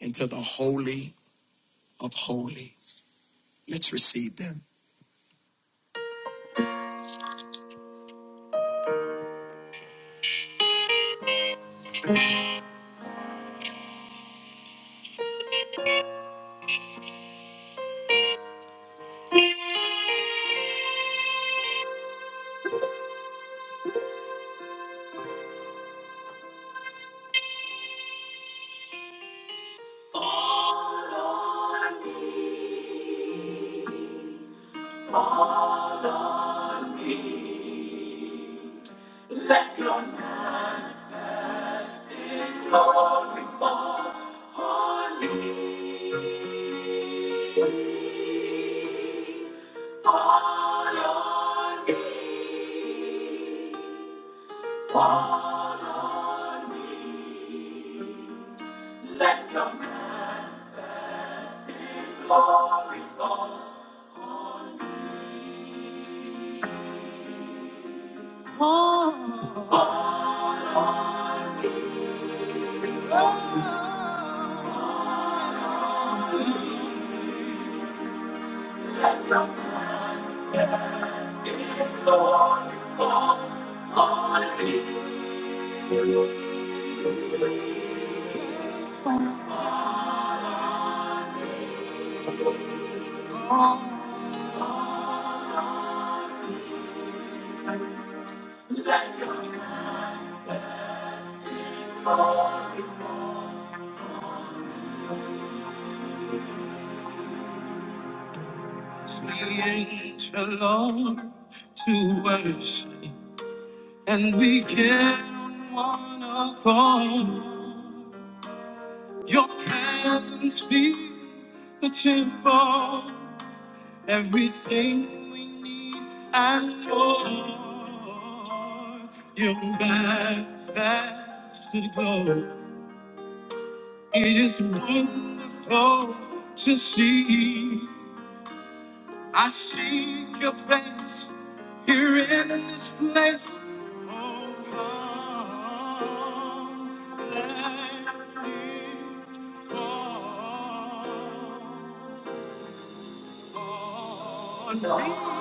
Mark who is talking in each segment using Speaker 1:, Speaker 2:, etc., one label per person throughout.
Speaker 1: into the Holy of Holies. Let's receive them. Fall on me, Let your name on me. fall on me. Fall on me. Let your majesty fall on me. Let your the angel Lord to worship. and we can on one accord. Your presence be the temple, everything we need and more. Your manifested glow. It is wonderful to see. I seek your face here in this place. Oh, come, let it fall on me.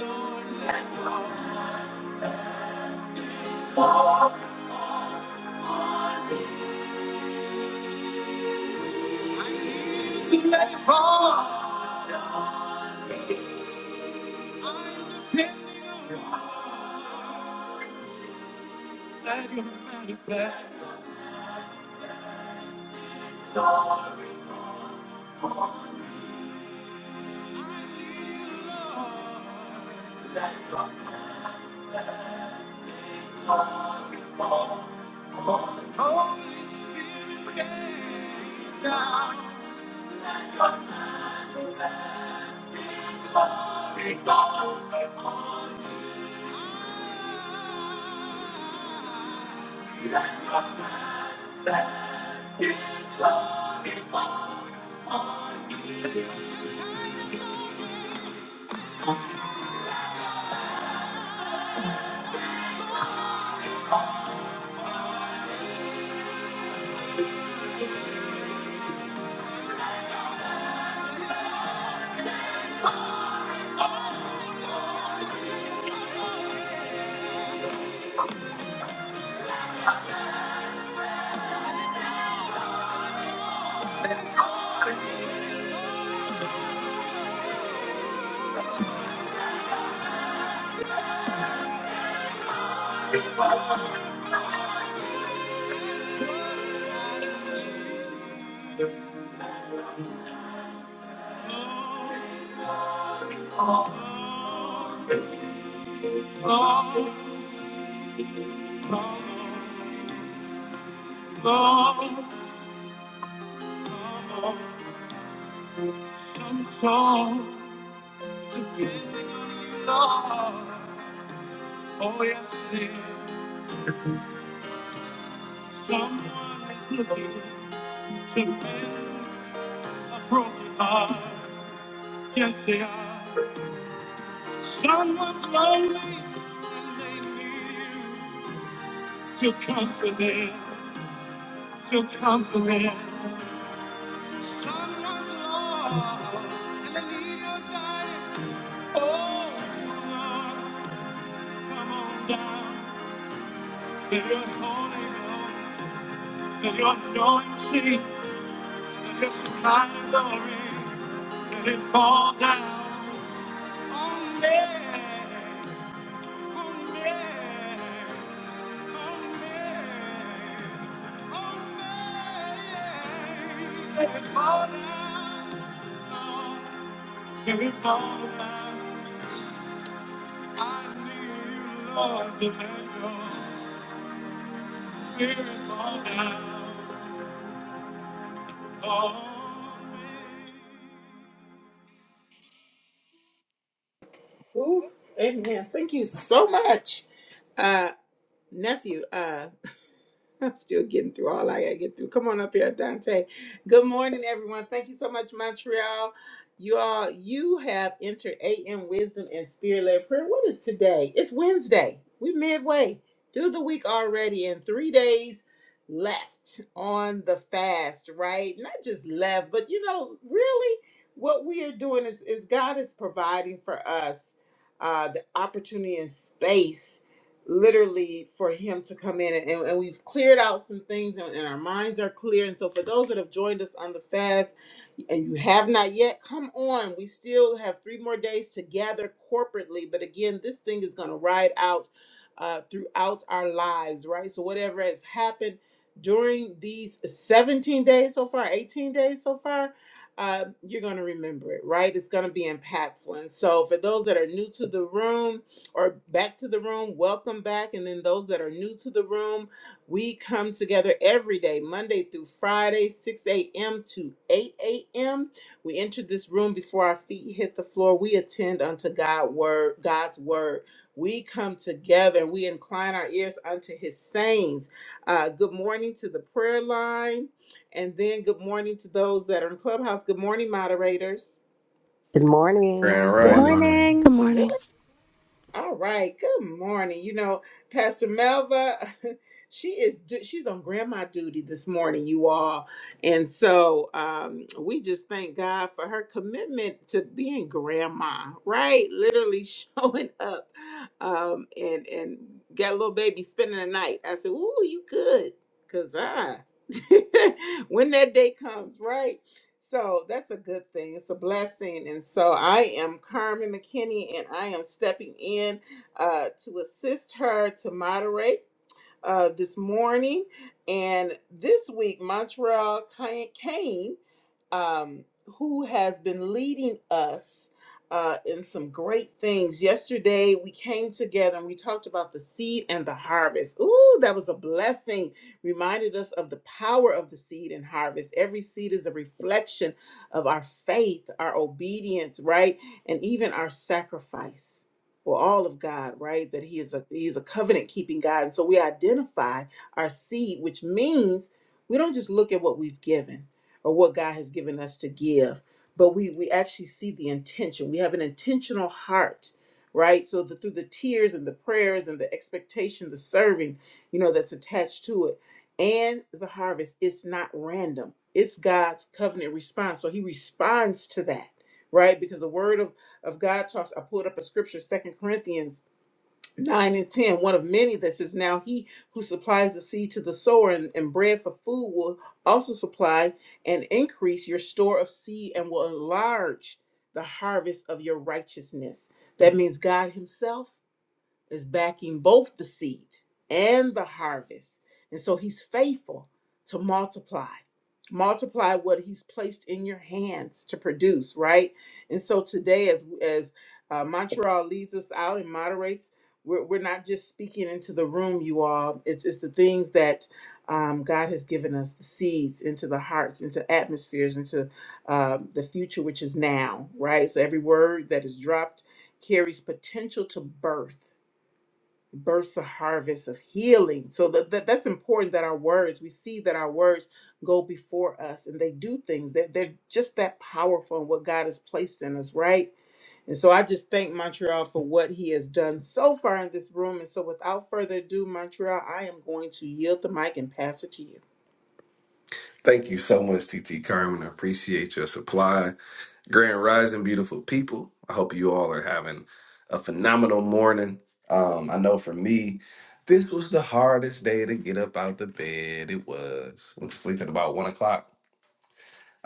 Speaker 1: Lord, I need to let it fall. I depend on you. Let your manifest. I need you, Lord. Holy Spirit, get down. Some songs depending on you, Lord. Oh, yes, dear. Someone is looking to mend a broken heart. Yes, they are. Someone's lonely and they need you. to comfort them, to comfort them. Someone's lost and they need your guidance. Oh, Lord, come on down. Let your holy Ghost, let your anointing, let your supply of glory, let it fall down on me.
Speaker 2: Ooh, amen. Thank you so much, uh, nephew. Uh, I'm still getting through all I gotta get through. Come on up here, Dante. Good morning, everyone. Thank you so much, Montreal. You all, you have entered AM Wisdom and Spirit led Prayer. What is today? It's Wednesday. We midway through the week already, and three days left on the fast, right? Not just left, but you know, really what we are doing is, is God is providing for us uh, the opportunity and space literally for him to come in and, and we've cleared out some things and, and our minds are clear and so for those that have joined us on the fast and you have not yet come on we still have three more days to gather corporately but again this thing is going to ride out uh, throughout our lives right so whatever has happened during these 17 days so far 18 days so far uh, you're going to remember it right it's going to be impactful and so for those that are new to the room or back to the room, welcome back. And then those that are new to the room, we come together every day, Monday through Friday, 6 a.m. to 8 a.m. We enter this room before our feet hit the floor. We attend unto God word, God's word. We come together and we incline our ears unto his sayings. Uh, good morning to the prayer line. And then good morning to those that are in Clubhouse. Good morning, moderators.
Speaker 3: Good morning.
Speaker 1: Grand
Speaker 4: Good
Speaker 5: Good
Speaker 6: Morning.
Speaker 1: Rising.
Speaker 4: morning.
Speaker 7: Good
Speaker 5: morning.
Speaker 8: Come
Speaker 7: morning.
Speaker 8: on.
Speaker 2: All right. Good morning. You know, Pastor Melva, she is du- she's on grandma duty this morning, you all. And so um we just thank God for her commitment to being grandma, right? Literally showing up um and and got a little baby spending the night. I said, "Ooh, you good." Cuz I when that day comes, right? So that's a good thing. It's a blessing. And so I am Carmen McKinney and I am stepping in uh, to assist her to moderate uh, this morning. And this week, Montreal Ca- Kane, um, who has been leading us uh, in some great things. Yesterday, we came together and we talked about the seed and the harvest. Ooh, that was a blessing. Reminded us of the power of the seed and harvest. Every seed is a reflection of our faith, our obedience, right? And even our sacrifice well all of god right that he is a he's a covenant keeping god and so we identify our seed which means we don't just look at what we've given or what god has given us to give but we we actually see the intention we have an intentional heart right so that through the tears and the prayers and the expectation the serving you know that's attached to it and the harvest it's not random it's god's covenant response so he responds to that right because the word of of God talks. I pulled up a scripture, Second Corinthians 9 and 10, one of many that says, Now he who supplies the seed to the sower and, and bread for food will also supply and increase your store of seed and will enlarge the harvest of your righteousness. That means God Himself is backing both the seed and the harvest. And so he's faithful to multiply. Multiply what he's placed in your hands to produce, right? And so today, as as uh, Montreal leads us out and moderates, we're, we're not just speaking into the room, you all. It's it's the things that um, God has given us, the seeds into the hearts, into atmospheres, into uh, the future, which is now, right? So every word that is dropped carries potential to birth bursts a harvest of healing. So that, that that's important that our words, we see that our words go before us and they do things. They're, they're just that powerful in what God has placed in us, right? And so I just thank Montreal for what he has done so far in this room. And so without further ado, Montreal, I am going to yield the mic and pass it to you.
Speaker 1: Thank you so much, TT Carmen. I appreciate your supply. Grand Rising, beautiful people. I hope you all are having a phenomenal morning. Um, I know for me, this was the hardest day to get up out the bed. It was. went to sleep at about one o'clock.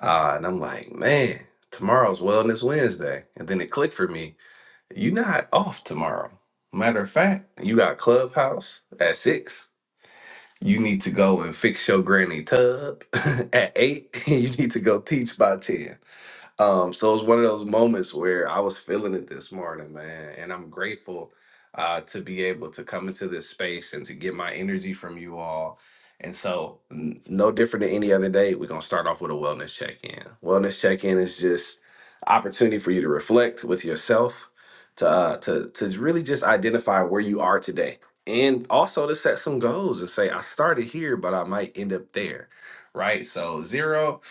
Speaker 1: Uh, and I'm like, man, tomorrow's Wellness Wednesday. And then it clicked for me. You're not off tomorrow. Matter of fact, you got Clubhouse at six. You need to go and fix your granny tub at eight. you need to go teach by 10. Um, so it was one of those moments where I was feeling it this morning, man, and I'm grateful uh, to be able to come into this space and to get my energy from you all. And so, n- no different than any other day, we're gonna start off with a wellness check-in. Wellness check-in is just opportunity for you to reflect with yourself, to uh, to to really just identify where you are today, and also to set some goals and say, I started here, but I might end up there right? So zero,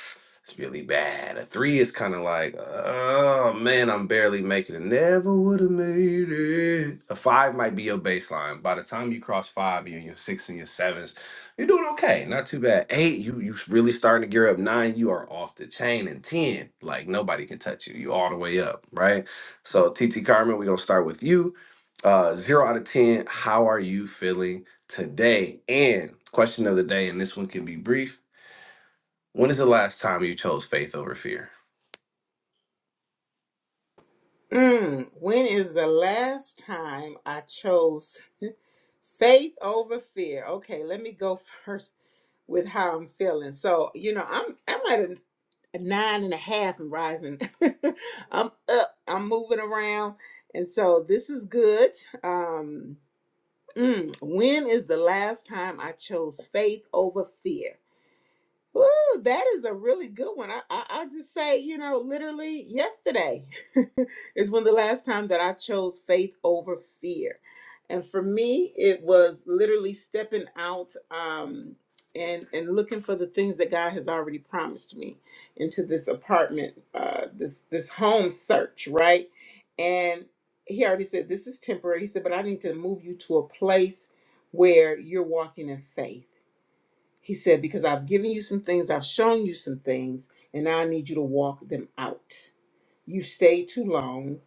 Speaker 1: it's really bad. A three is kind of like, oh man, I'm barely making it. Never would have made it. A five might be your baseline. By the time you cross five, you're in your six and your sevens. You're doing okay, not too bad. Eight, you you really starting to gear up. Nine, you are off the chain, and ten, like nobody can touch you. You all the way up, right? So TT Carmen, we're gonna start with you. Uh, zero out of ten. How are you feeling today? And question of the day, and this one can be brief when is the last time you chose faith over fear?
Speaker 2: Mm, when is the last time I chose faith over fear? Okay, let me go first with how I'm feeling. So, you know, I'm I'm at a, a nine and a half and rising. I'm up. I'm moving around. And so this is good. Um mm, when is the last time I chose faith over fear? Woo, that is a really good one. I, I I'll just say, you know, literally yesterday is when the last time that I chose faith over fear. And for me, it was literally stepping out um and and looking for the things that God has already promised me into this apartment, uh this this home search, right? And he already said this is temporary. He said, but I need to move you to a place where you're walking in faith he said, Because I've given you some things, I've shown you some things, and now I need you to walk them out you stayed too long.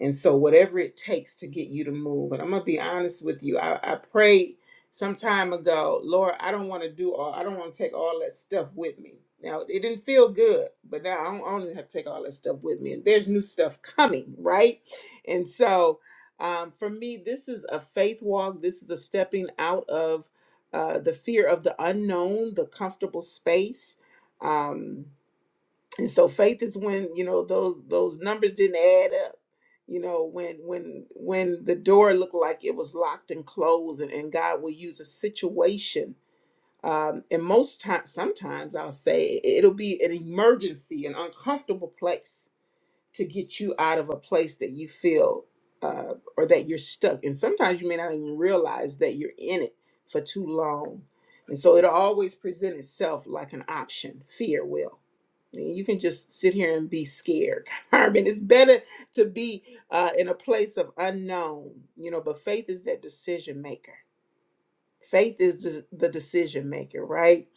Speaker 2: And so, whatever it takes to get you to move. And I'm going to be honest with you. I, I prayed some time ago, Lord, I don't want to do all, I don't want to take all that stuff with me. Now, it didn't feel good, but now I don't, I don't have to take all that stuff with me. And there's new stuff coming, right? And so, um, for me, this is a faith walk. This is a stepping out of uh, the fear of the unknown, the comfortable space. Um, and so faith is when you know those those numbers didn't add up you know when when when the door looked like it was locked and closed and, and god will use a situation um, and most times sometimes i'll say it- will be an emergency an uncomfortable place to get you out of a place that you feel uh, or that you're stuck. And sometimes you may not even realize that you're in it for too long. And so it'll always present itself like an option. Fear will. And You can just sit here and be scared, Carmen. It's better to be uh, in a place of unknown, you know, but faith is that decision maker. Faith is the the decision maker, right?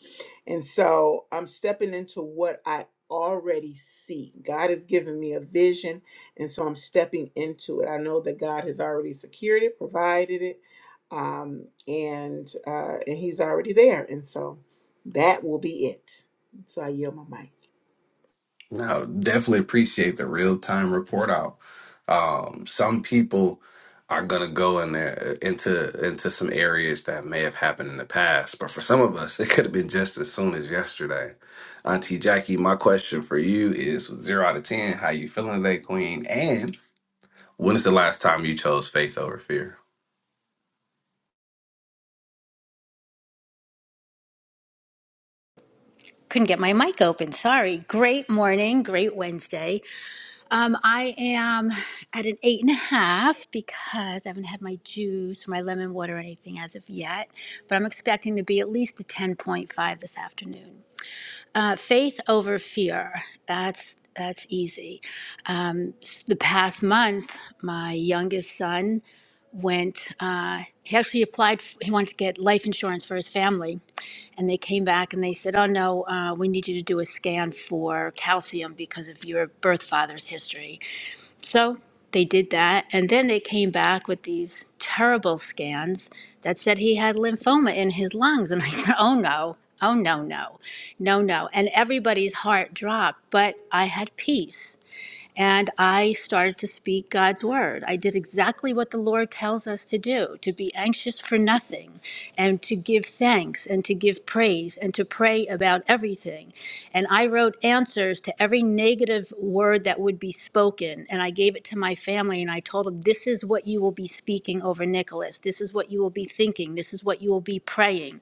Speaker 2: And so I'm stepping into what I already see. God has given me a vision, and so I'm stepping into it. I know that God has already secured it, provided it, um, and uh, and He's already there. And so that will be it. So I yield my mic.
Speaker 1: Now, definitely appreciate the real time report out. Um, some people are gonna go in there uh, into into some areas that may have happened in the past, but for some of us, it could have been just as soon as yesterday. Auntie Jackie, my question for you is with zero out of ten, how you feeling today, Queen? And when is the last time you chose faith over fear?
Speaker 5: Couldn't get my mic open. Sorry. Great morning. Great Wednesday. Um, I am at an eight and a half because I haven't had my juice or my lemon water or anything as of yet, but I'm expecting to be at least a 10.5 this afternoon. Uh, faith over fear. That's that's easy. Um, s- the past month, my youngest son went. Uh, he actually applied. f- He wanted to get life insurance for his family, And they came back and they said, "Oh no, uh, we need you to do a scan for calcium because of your birth father's history." So they did that, and then they came back with these terrible scans that said he had lymphoma in his lungs. And I said, "Oh no, oh no, no, no, no!" And everybody's heart dropped, but I had peace and I started to speak God's word. I did exactly what the Lord tells us to do to be anxious for nothing, and to give thanks, and to give praise, and to pray about everything. And I wrote answers to every negative word that would be spoken, and I gave it to my family, and I told them, This is what you will be speaking over Nicholas. This is what you will be thinking. This is what you will be praying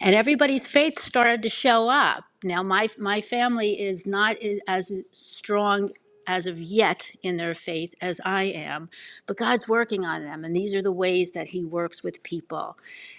Speaker 5: and everybody's faith started to show up. Now, my my family is not i- as strong as of yet in their faith as I am, but God's working on them, and these are the ways that He works with people.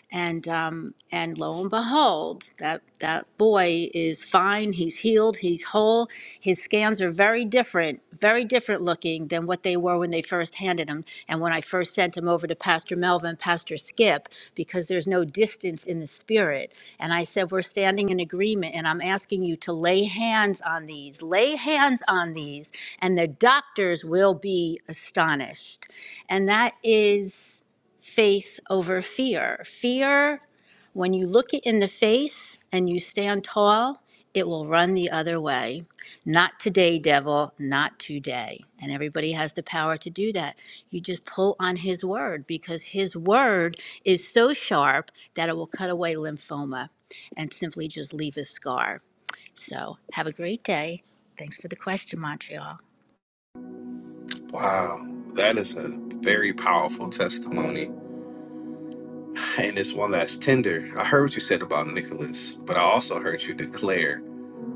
Speaker 5: And um, and lo and behold, that that boy is fine. He's healed. He's whole. His scans are very different, very different looking than what they were when they first handed him. And when I first sent him over to Pastor Melvin, Pastor Skip, because there's no distance in the spirit. And I said, we're standing in agreement, and I'm asking you to lay hands on these. Lay hands on these, and the doctors will be astonished. And that is faith over fear. Fear, when you look it in the face and you stand tall, it will run the other way. Not today, devil, not today. And everybody has the power to do that. You just pull on his word because his word is so sharp that it will cut away lymphoma and simply just leave a scar. So have a great day. Thanks for the question, Montreal.
Speaker 1: Wow, that is a very powerful testimony And this one last tender. I heard what you said about Nicholas, but I also heard you declare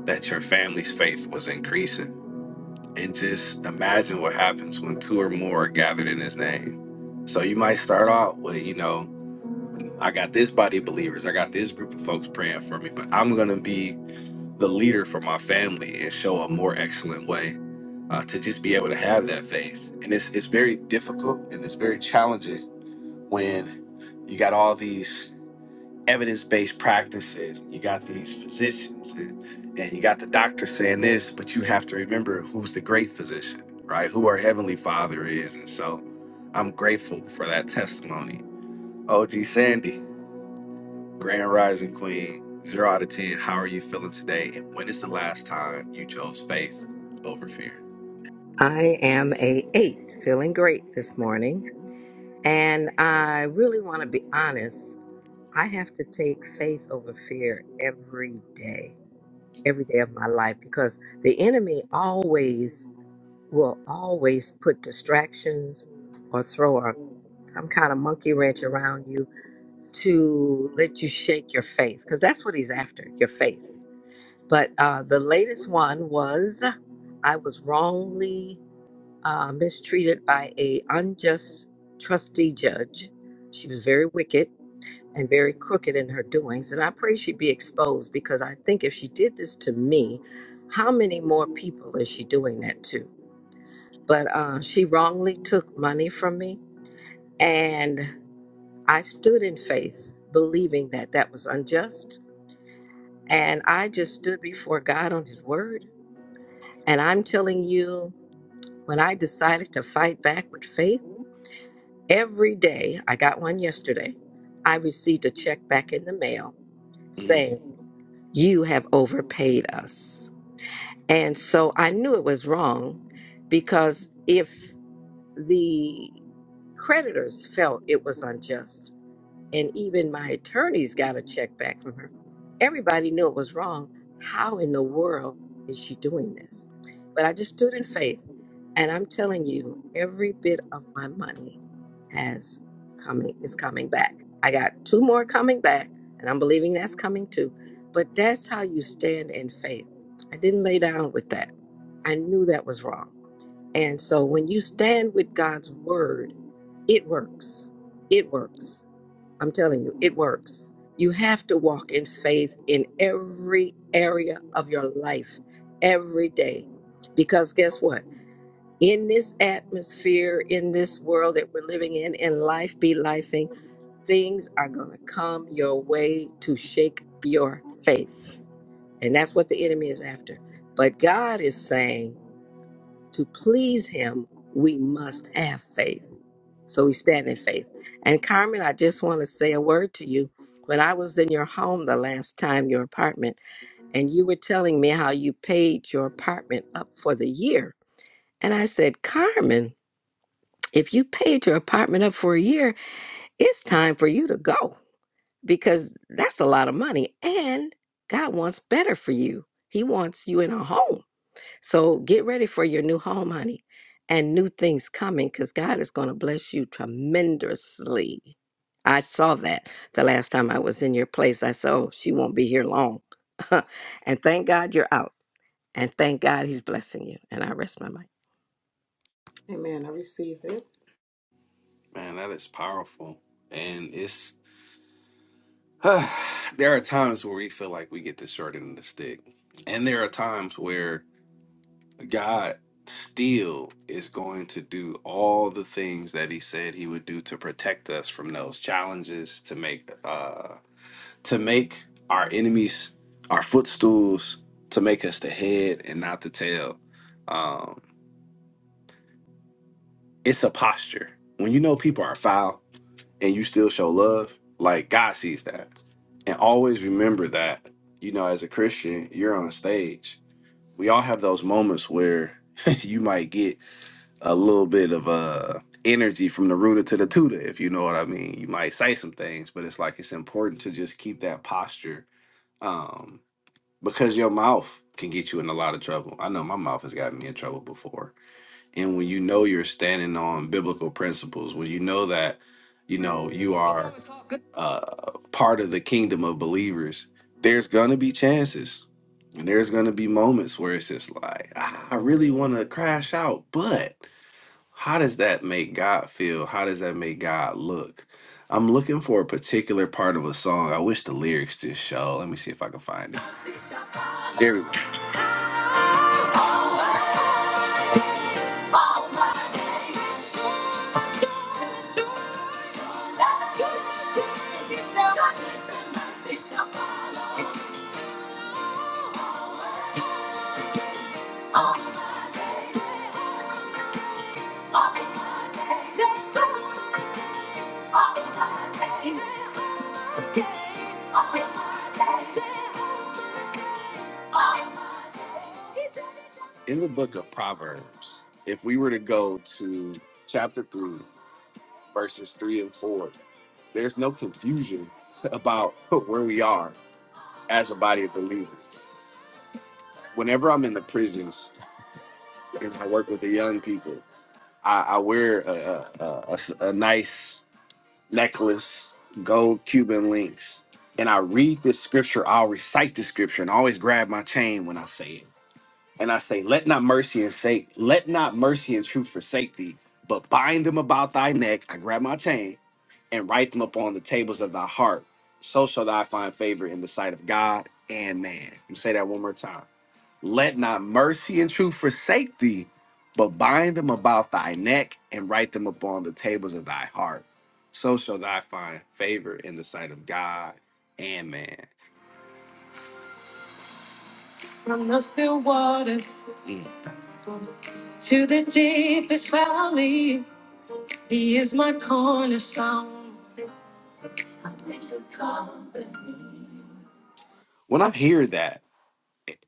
Speaker 1: that your family's faith was increasing. And just imagine what happens when two or more are gathered in his name. So you might start out with, you know, I got this body of believers, I got this group of folks praying for me, but I'm going to be the leader for my family and show a more excellent way uh, to just be able to have that faith. And it's, it's very difficult and it's very challenging when you got all these evidence-based practices. You got these physicians and, and you got the doctor saying this, but you have to remember who's the great physician, right? Who our heavenly father is. And so I'm grateful for that testimony. OG Sandy, Grand Rising Queen, zero out of ten. How are you feeling today? And when is the last time you chose faith over fear?
Speaker 3: I am a eight, feeling great this morning. And I really want to be honest. I have to take faith over fear every day, every day of my life, because the enemy always will always put distractions or throw a, some kind of monkey wrench around you to let you shake your faith, because that's what he's after, your faith. But uh, the latest one was I was wrongly uh, mistreated by a unjust trustee judge. She was very wicked and very crooked in her doings, and I pray she be exposed because I think if she did this to me, how many more people is she doing that to? But uh, she wrongly took money from me, and I stood in faith, believing that that was unjust, and I just stood before God on His word. And I'm telling you, when I decided to fight back with faith. Every day, I got one yesterday, I received a check back in the mail
Speaker 1: Mm,
Speaker 3: saying, You have overpaid us. And so I knew it was wrong because if the creditors felt it was unjust, and even my attorneys got a check back from her. Everybody knew it was wrong. How in the world is she doing this? But I just stood in faith, and I'm telling you, every bit of my money has coming is coming back. I got two more coming back, and I'm believing that's coming too. But that's how you stand in faith. I didn't lay down with that. I knew that was wrong. And so when you stand with God's word, it works. It works I'm telling you, it works. You have to walk in faith in every area of your life every day. Because guess what? In this atmosphere, in this world that we're living in, in life be lifing, things are going to come your way to shake your faith. And that's what the enemy is after. But God is saying to please him, we must have faith. So we stand in faith. And Carmen, I just want to say a word to you. When I was in your home the last time, your apartment, and you were telling me how you paid your apartment up for the year. And I said, Carmen, if you paid your apartment up for a year, it's time for you to go because that's a lot of money. And God wants better for you, He wants you in a home. So get ready for your new home, honey, and new things coming because God is going to bless you tremendously. I saw that the last time I was in your place. I said, oh, she won't be here long. and thank God you're out. And thank God he's blessing you. And I rest my mind.
Speaker 2: Amen. I receive it.
Speaker 1: man, that is powerful. And it's there are times where we feel like we get the short end of the stick. And there are times where God still is going to do all the things that he said he would do to protect us from those challenges to make uh to make our enemies our footstools to make us the head and not the tail um it's a posture when you know people are foul and you still show love like God sees that and always remember that you know as a Christian you're on stage we all have those moments where you might get a little bit of uh energy from the rooter to the tutor, if you know what I mean. You might say some things, but it's like it's important to just keep that posture um because your mouth can get you in a lot of trouble. I know my mouth has gotten me in trouble before. And when you know you're standing on biblical principles, when you know that you know you are uh part of the kingdom of believers, there's gonna be chances. And there's gonna be moments where it's just like, "Ah, I really wanna crash out, but how does that make God feel? How does that make God look? I'm looking for a particular part of a song. I wish the lyrics just show. Let me see if I can find it. There we go. In the book of Proverbs, if we were to go to chapter 3, verses 3 and 4, there's no confusion about where we are as a body of believers. Whenever I'm in the prisons and I work with the young people, I, I wear a a, a, a nice necklace, gold Cuban links, and I read this scripture, I'll recite the scripture and I always grab my chain when I say it. And I say, Let not mercy and sake, let not mercy and truth forsake thee, but bind them about thy neck. I grab my chain and write them upon the tables of thy heart. So shall thou find favor in the sight of God and man. Let me say that one more time. Let not mercy and truth forsake thee, but bind them about thy neck and write them upon the tables of thy heart. So shall thou find favor in the sight of God and man. From the still waters Mm. to the deepest valley, He is my cornerstone. When I hear that,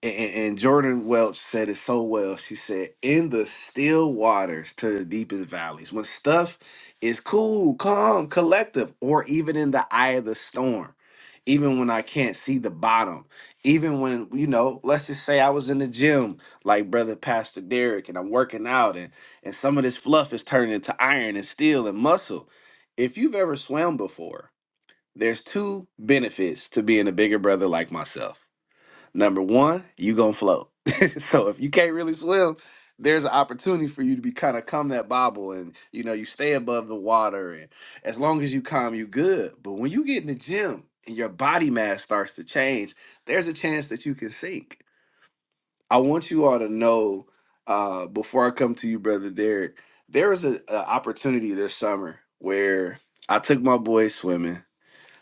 Speaker 1: and, and Jordan Welch said it so well. She said, "In the still waters to the deepest valleys, when stuff is cool, calm, collective, or even in the eye of the storm, even when I can't see the bottom, even when you know, let's just say I was in the gym, like brother Pastor Derek, and I'm working out, and and some of this fluff is turning into iron and steel and muscle. If you've ever swam before, there's two benefits to being a bigger brother like myself." Number one, you gonna float. so if you can't really swim, there's an opportunity for you to be kind of come that bobble and you know you stay above the water and as long as you calm you good. But when you get in the gym and your body mass starts to change, there's a chance that you can sink. I want you all to know uh, before I come to you, brother Derek, there was an opportunity this summer where I took my boys swimming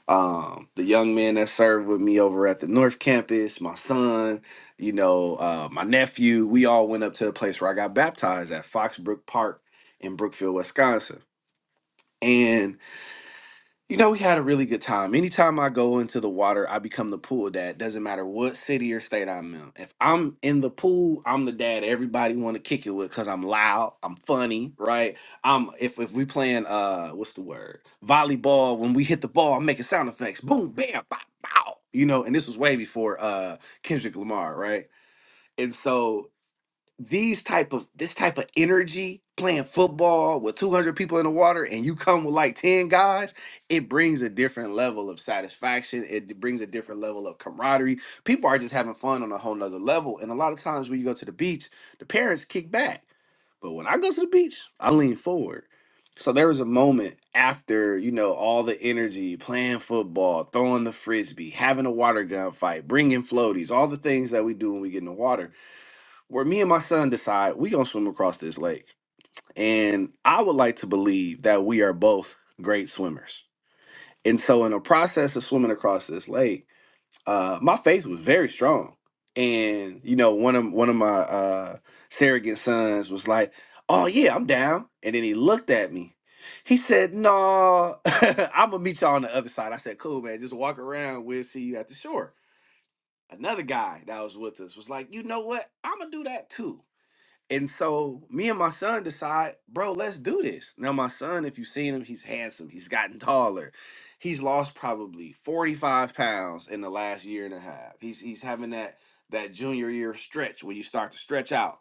Speaker 1: um, the young men that served with me over at the North Campus, my son, you know, uh, my nephew, we all went up to the place where I got baptized at Foxbrook Park in Brookfield, Wisconsin. and. You know, we had a really good time. Anytime I go into the water, I become the pool dad. Doesn't matter what city or state I'm in. If I'm in the pool, I'm the dad everybody want to kick it with because I'm loud, I'm funny, right? I'm if if we playing uh what's the word volleyball, when we hit the ball, I'm making sound effects, boom, bam, bow, bow. You know, and this was way before uh Kendrick Lamar, right? And so these type of this type of energy playing football with 200 people in the water and you come with like 10 guys it brings a different level of satisfaction it brings a different level of camaraderie people are just having fun on a whole nother level and a lot of times when you go to the beach the parents kick back but when I go to the beach, I lean forward. So there was a moment after, you know, all the energy, playing football, throwing the frisbee, having a water gun fight, bringing floaties, all the things that we do when we get in the water where me and my son decide we gonna swim across this lake. And I would like to believe that we are both great swimmers. And so in the process of swimming across this lake, uh, my faith was very strong. And you know, one of one of my uh, surrogate sons was like, "Oh yeah, I'm down." And then he looked at me. He said, "No, I'm gonna meet y'all on the other side." I said, "Cool, man. Just walk around. We'll see you at the shore." Another guy that was with us was like, "You know what? I'm gonna do that too." And so me and my son decide, bro, let's do this. Now my son, if you've seen him, he's handsome. He's gotten taller. He's lost probably 45 pounds in the last year and a half. He's he's having that that junior year stretch where you start to stretch out.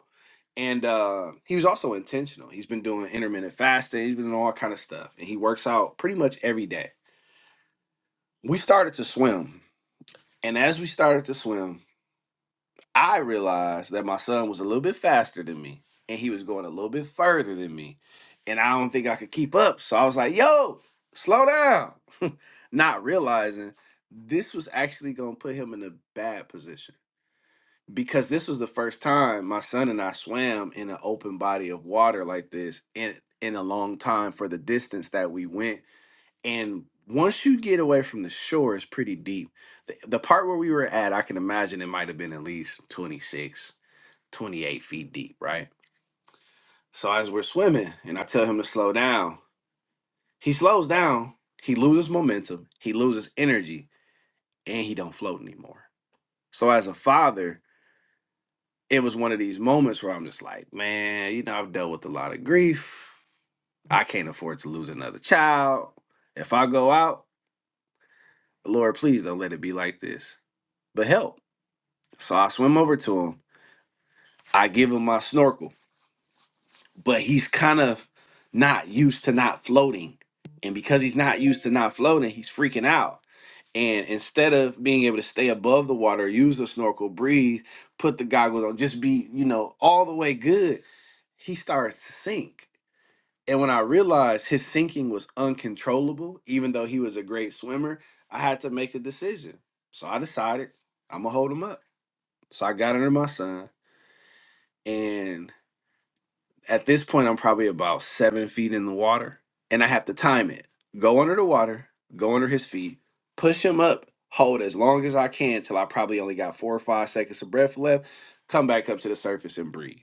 Speaker 1: And uh, he was also intentional. He's been doing intermittent fasting. He's been doing all kind of stuff, and he works out pretty much every day. We started to swim, and as we started to swim, I realized that my son was a little bit faster than me and he was going a little bit further than me. And I don't think I could keep up. So I was like, yo, slow down. Not realizing this was actually going to put him in a bad position because this was the first time my son and I swam in an open body of water like this in, in a long time for the distance that we went. And once you get away from the shore, it's pretty deep the the part where we were at, I can imagine it might have been at least 26. 28 feet deep, right? So as we're swimming and I tell him to slow down, he slows down, he loses momentum, he loses energy, and he don't float anymore. So as a father, it was one of these moments where I'm just like, man, you know, I've dealt with a lot of grief. I can't afford to lose another child. If I go out, Lord, please don't let it be like this, but help. So I swim over to him. I give him my snorkel. but he's kind of not used to not floating. And because he's not used to not floating, he's freaking out. And instead of being able to stay above the water, use the snorkel, breathe, put the goggles on, just be, you know, all the way good, he starts to sink. And when I realized his sinking was uncontrollable, even though he was a great swimmer, I had to make a decision. So I decided I'm going to hold him up. So I got under my son and. At this point, I'm probably about seven feet in the water, and I have to time it. Go under the water, go under his feet, push him up, hold as long as I can till I probably only got four or five seconds of breath left, come back up to the surface and breathe.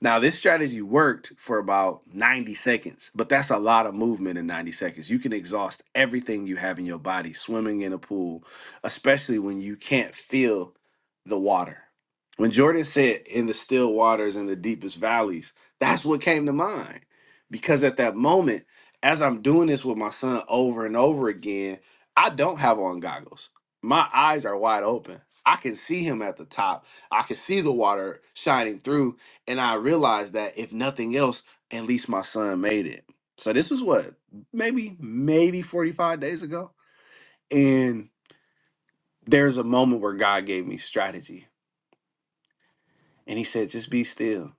Speaker 1: Now, this strategy worked for about 90 seconds, but that's a lot of movement in 90 seconds. You can exhaust everything you have in your body swimming in a pool, especially when you can't feel the water. When Jordan said, in the still waters in the deepest valleys, that's what came to mind. Because at that moment, as I'm doing this with my son over and over again, I don't have on goggles. My eyes are wide open. I can see him at the top. I can see the water shining through and I realized that if nothing else, at least my son made it. So this was what, maybe, maybe 45 days ago. And there's a moment where God gave me strategy and he said, just be still.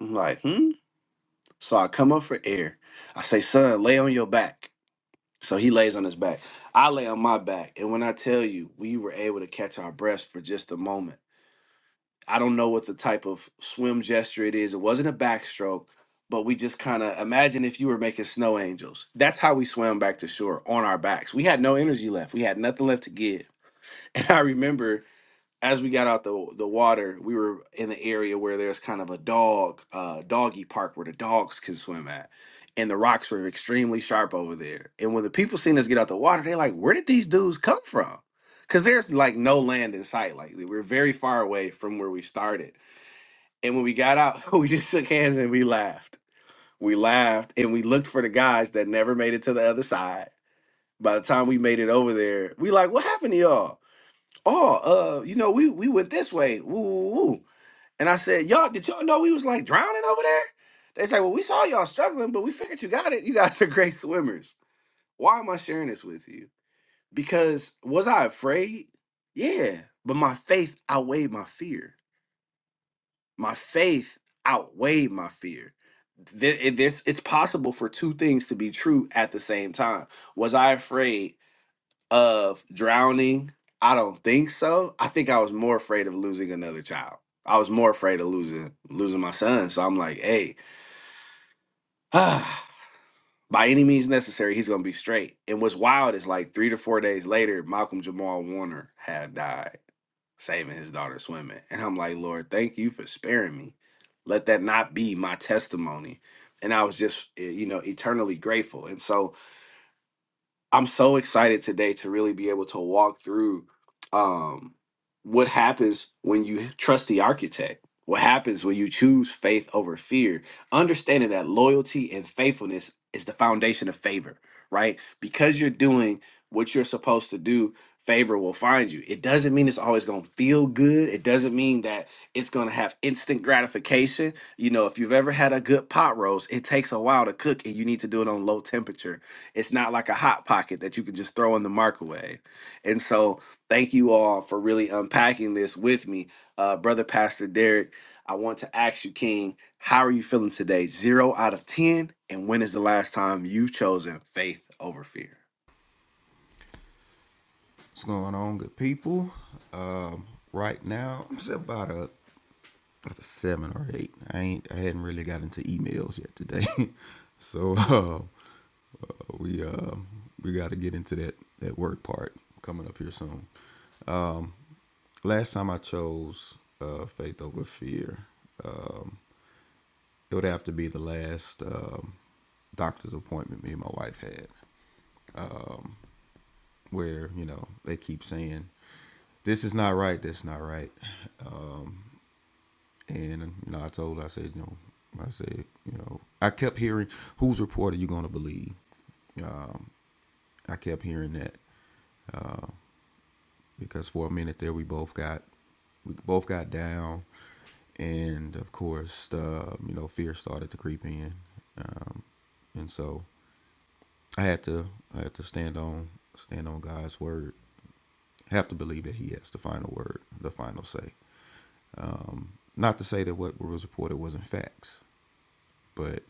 Speaker 1: I'm like, hmm. So I come up for air. I say, son, lay on your back. So he lays on his back. I lay on my back. And when I tell you, we were able to catch our breaths for just a moment. I don't know what the type of swim gesture it is. It wasn't a backstroke, but we just kind of imagine if you were making snow angels. That's how we swam back to shore on our backs. We had no energy left. We had nothing left to give. And I remember as we got out the the water, we were in the area where there's kind of a dog uh doggy park where the dogs can swim at. And the rocks were extremely sharp over there. And when the people seen us get out the water, they're like, "Where did these dudes come from?" Because there's like no land in sight. Like we we're very far away from where we started and when we got out, we just shook hands and we laughed. We laughed and we looked for the guys that never made it to the other side. By the time we made it over there, we like, what happened to y'all? Oh, uh, you know, we we went this way. Woo, woo, woo. And I said, y'all, did y'all know we was like drowning over there? They said, well, we saw y'all struggling, but we figured you got it. You guys are great swimmers. Why am I sharing this with you? Because was I afraid? Yeah, but my faith outweighed my fear my faith outweighed my fear. Th- it- This it's possible for two things to be true at the same time. Was I afraid of drowning? I don't think so. I think I was more afraid of losing another child. I was more afraid of losing losing my son. So I'm like, hey, by any means necessary, he's gonna be straight. And what's wild is like three to four days later, Malcolm Jamal Warner had died saving his daughter swimming. And I'm like, Lord, thank you for sparing me. Let that not be my testimony. And I was just, eh, you know, eternally grateful. And so I'm so excited today to really be able to walk through um, what happens when you trust the architect. What happens when you choose faith over fear? Understanding that loyalty and faithfulness is the foundation of favor, right? Because you're doing what you're supposed to do, favor will find you. It doesn't mean it's always going to feel good. It doesn't mean that it's going to have instant gratification. You know, if you've ever had a good pot roast, it takes a while to cook and you need to do it on low temperature it's not like a hot pocket that you can just throw in the microwave. And so, thank you all for really unpacking this with me, uh, brother Pastor Derek. I want to ask you, King, how are you feeling today? Zero out of ten, and when is the last time you've chosen faith over fear?
Speaker 4: What's going on, good people? Um, right now, I'm still about a, about a seven or eight. I ain't. I hadn't really got into emails yet today, so uh, we uh, we got to get into that that work part coming up here soon. Last time I chose uh, faith over fear, it would have to be the last um, doctor's appointment me and my wife had, where you know they keep saying this is not right, this is not right, And you know, I told her, I said, you know, I said, you know, I kept hearing, whose report are you going to believe? I kept hearing that because for a minute there, we both got, we both got down, and of course, uh, you know, fear started to creep in, um, and so I had to, I had to stand on, stand on God's word. Have to believe that He has the final word, the final say. Not to say that what was reported wasn't facts, but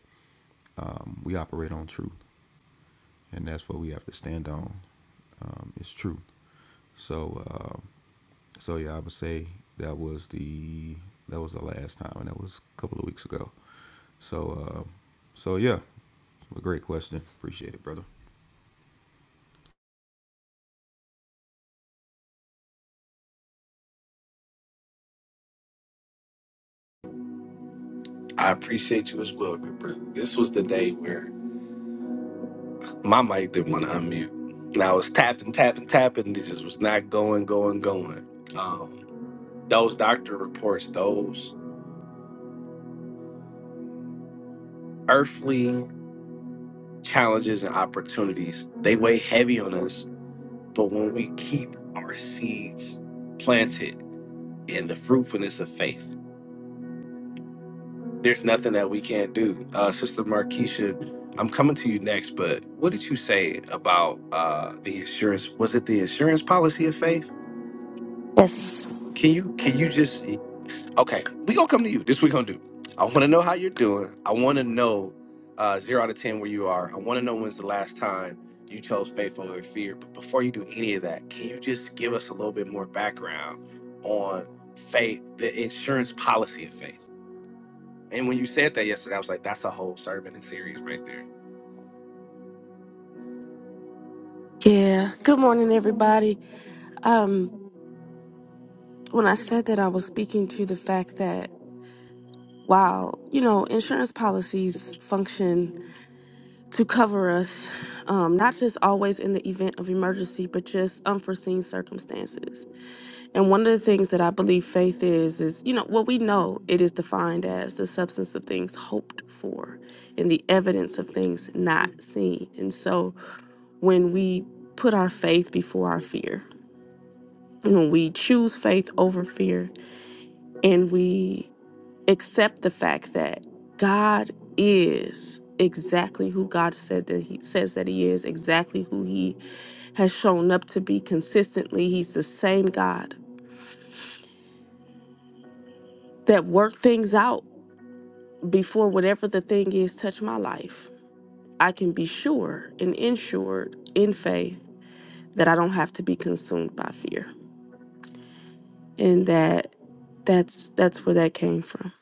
Speaker 4: um, we operate on truth. and that's what we have to stand on. Um, it's true. So, uh, so yeah, I would say that was the that was the last time, and that was a couple of weeks ago. So, uh, so yeah, a great question. Appreciate it, brother.
Speaker 1: I appreciate you as well, good brother. This was the day where my mic didn't want to unmute. And I was tapping, tapping, tapping. This just was not going, going, going. Um, those doctor reports, those earthly. challenges and opportunities. They weigh heavy on us, but when we keep our seeds planted in the fruitfulness of faith, there's nothing that we can't do. Uh, Sister Markeisha, I'm coming to you next, but what did you say about uh, the insurance? Was it the insurance policy of faith?
Speaker 7: Yes.
Speaker 1: Can you can you just Okay, we gonna come to you. This we gonna do. I want to know how you're doing. I want to know uh, zero out of ten where you are. I want to know when's the last time you chose faith over fear. But before you do any of that, can you just give us a little bit more background on faith, the insurance policy of faith? And when you said that yesterday, I was like, that's a whole sermon and series right there.
Speaker 7: Yeah. Good morning, everybody. Um, when I said that, I was speaking to the fact that while you know insurance policies function to cover us, um, not just always in the event of emergency, but just unforeseen circumstances. And one of the things that I believe faith is is you know what we know it is defined as the substance of things hoped for and the evidence of things not seen. And so when we put our faith before our fear we choose faith over fear and we accept the fact that God is exactly who God said that he says that he is, exactly who he has shown up to be consistently. He's the same God that worked things out before whatever the thing is touched my life. I can be sure and insured in faith that I don't have to be consumed by fear. And that that's that's where that came from.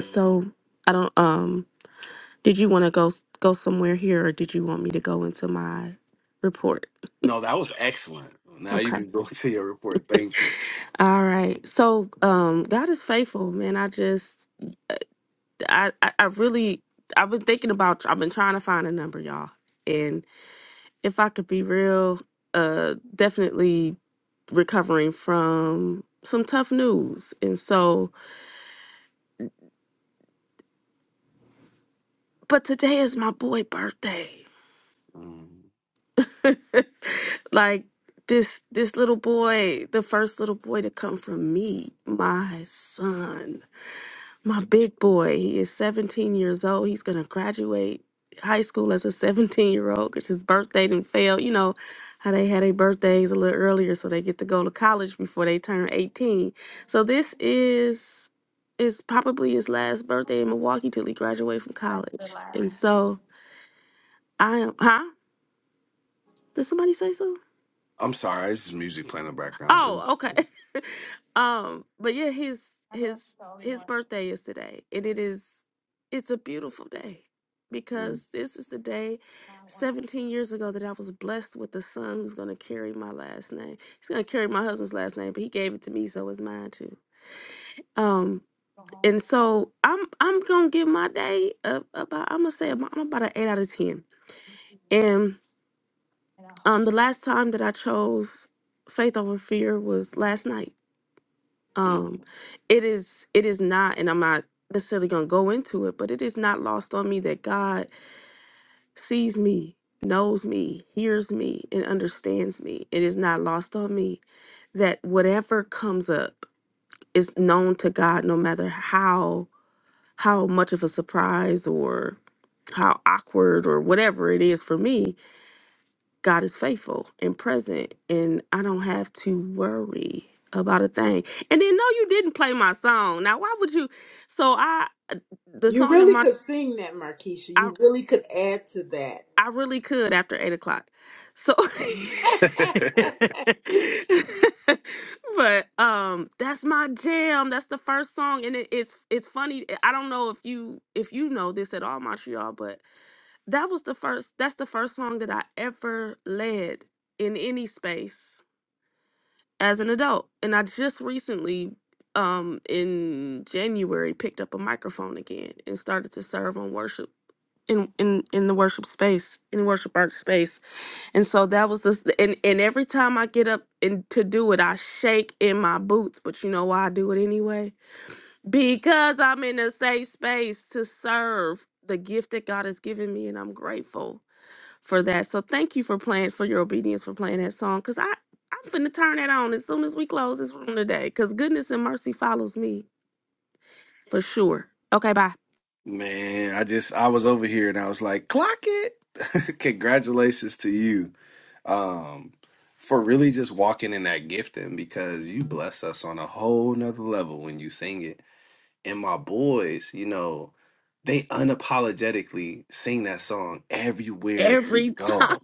Speaker 7: So I don't. Um, Did you want to go s- go somewhere here, or did you want me to go into my report?
Speaker 1: No, that was excellent. Now you
Speaker 7: Okay.
Speaker 1: can go to your report. Thank you.
Speaker 7: All right. So, um, God is faithful, man. I just, I, I, I really, I've been thinking about. I've been trying to find a number, y'all. And if I could be real, uh, definitely recovering from some tough news. And so, but today is my boy birthday.
Speaker 1: Mm.
Speaker 7: like this this little boy, the first little boy to come from me, my son, my big boy. He is 17 years old. He's gonna graduate high school as a 17 year old because his birthday didn't fail. You know how they had their birthdays a little earlier, so they get to go to college before they turn 18. So this is is probably his last birthday in Milwaukee till he graduates from college. And Right. so I am, huh? Did somebody say so?
Speaker 1: I'm sorry. This is music playing in the background. Please.
Speaker 7: Oh, okay. um, but yeah, his his his birthday is today, and it is it's a beautiful day
Speaker 1: Mm.
Speaker 7: because this is the day 17 years ago that I was blessed with a son who's going to carry my last name. He's going to carry my husband's last name, but he gave it to me so it's mine too. Um and so I'm I'm going to give my day a, about I'm going to say about, I'm about an 8 out of 10. And um the last time that I chose faith over fear was last night
Speaker 1: mm.
Speaker 7: um it is it is not and i'm not necessarily going to go into it but it is not lost on me that god sees me knows me hears me and understands me it is not lost on me that whatever comes up is known to god no matter how how much of a surprise or how awkward or whatever it is for me God is faithful and present, and I don't have to worry about a thing. And then, no, you didn't play my song. Now, why would you? So, I the
Speaker 2: You
Speaker 7: song that
Speaker 2: really
Speaker 7: my
Speaker 2: could sing that, Markeisha.
Speaker 7: I
Speaker 2: You really could add to that.
Speaker 7: I really could after eight o'clock. So, but um, that's my jam. That's the first song, and it, it's it's funny. I don't know if you if you know this at all, Montreal, but that was the first. That's the first song that I ever led in any space as an adult. And I just recently, um, in January, picked up a microphone again and started to serve on worship in in in the worship space, in worship art space. And so that was this. And and every time I get up and to do it, I shake in my boots. But you know why I do it anyway? because I'm in a safe space to serve the gift that God has given me, and I'm grateful for that. So thank you for playing for your obedience for playing that song, cause I I'm finna turn that on as soon as we close this room today, cause goodness and mercy follows me for sure. Okay, bye.
Speaker 1: Man, I just I was over here and I was like, clock it. Congratulations to you. Um for really just walking in that gifting because you bless us on a whole nother level when you sing it. And my boys, you know, they unapologetically sing that song everywhere they
Speaker 7: Every time.
Speaker 1: go.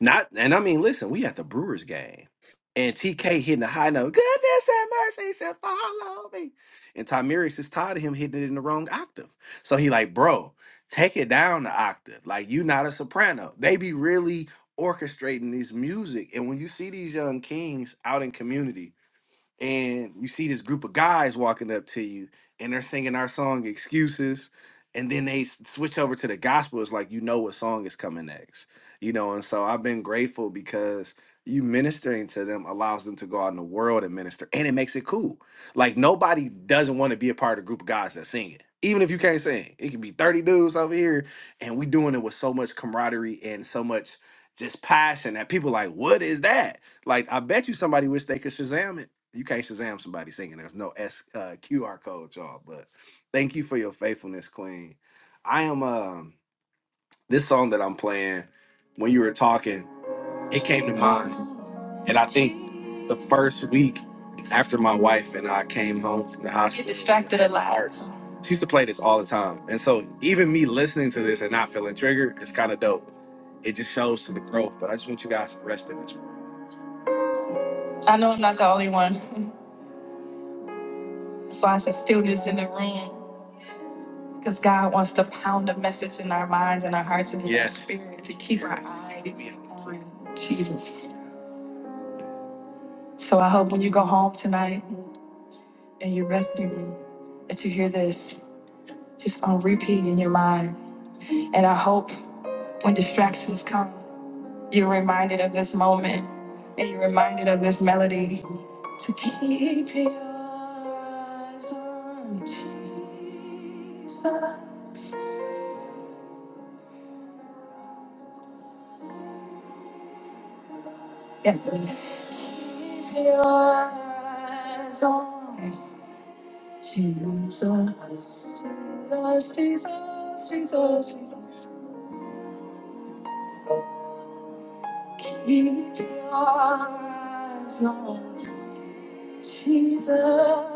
Speaker 1: Not and I mean, listen, we at the Brewers game, and TK hitting the high note. Goodness and mercy shall follow me. And Tymerius is tired of him hitting it in the wrong octave, so he like, bro, take it down the octave. Like you not a soprano. They be really orchestrating this music, and when you see these young kings out in community and you see this group of guys walking up to you and they're singing our song excuses and then they s- switch over to the gospel it's like you know what song is coming next you know and so i've been grateful because you ministering to them allows them to go out in the world and minister and it makes it cool like nobody doesn't want to be a part of a group of guys that sing it even if you can't sing it can be 30 dudes over here and we doing it with so much camaraderie and so much just passion that people like what is that like I bet you somebody wish they could Shazam it. You can't Shazam somebody singing. There's no S uh, QR code, y'all. But thank you for your faithfulness, Queen. I am um this song that I'm playing. When you were talking, it came to mind, and I think the first week after my wife and I came home from the hospital, get distracted a lot. Arts, she used to play this all the time, and so even me listening to this and not feeling triggered is kind of dope. It just shows to the growth. But I just want you guys to rest in it. I know I'm not the only one. That's why I said stillness in the room. Because God wants to pound a message in our minds and our hearts and in our Yes. spirit to keep our Yes. eyes on Jesus. So I hope when you go home tonight and you're resting, that you hear this just on repeat in your mind. And I hope when distractions come, You're reminded of this moment and you're reminded of this melody. To keep your eyes on Jesus. Yeah. Keep your eyes on Jesus. Jesus, Jesus, Jesus. Keep your eyes on Jesus.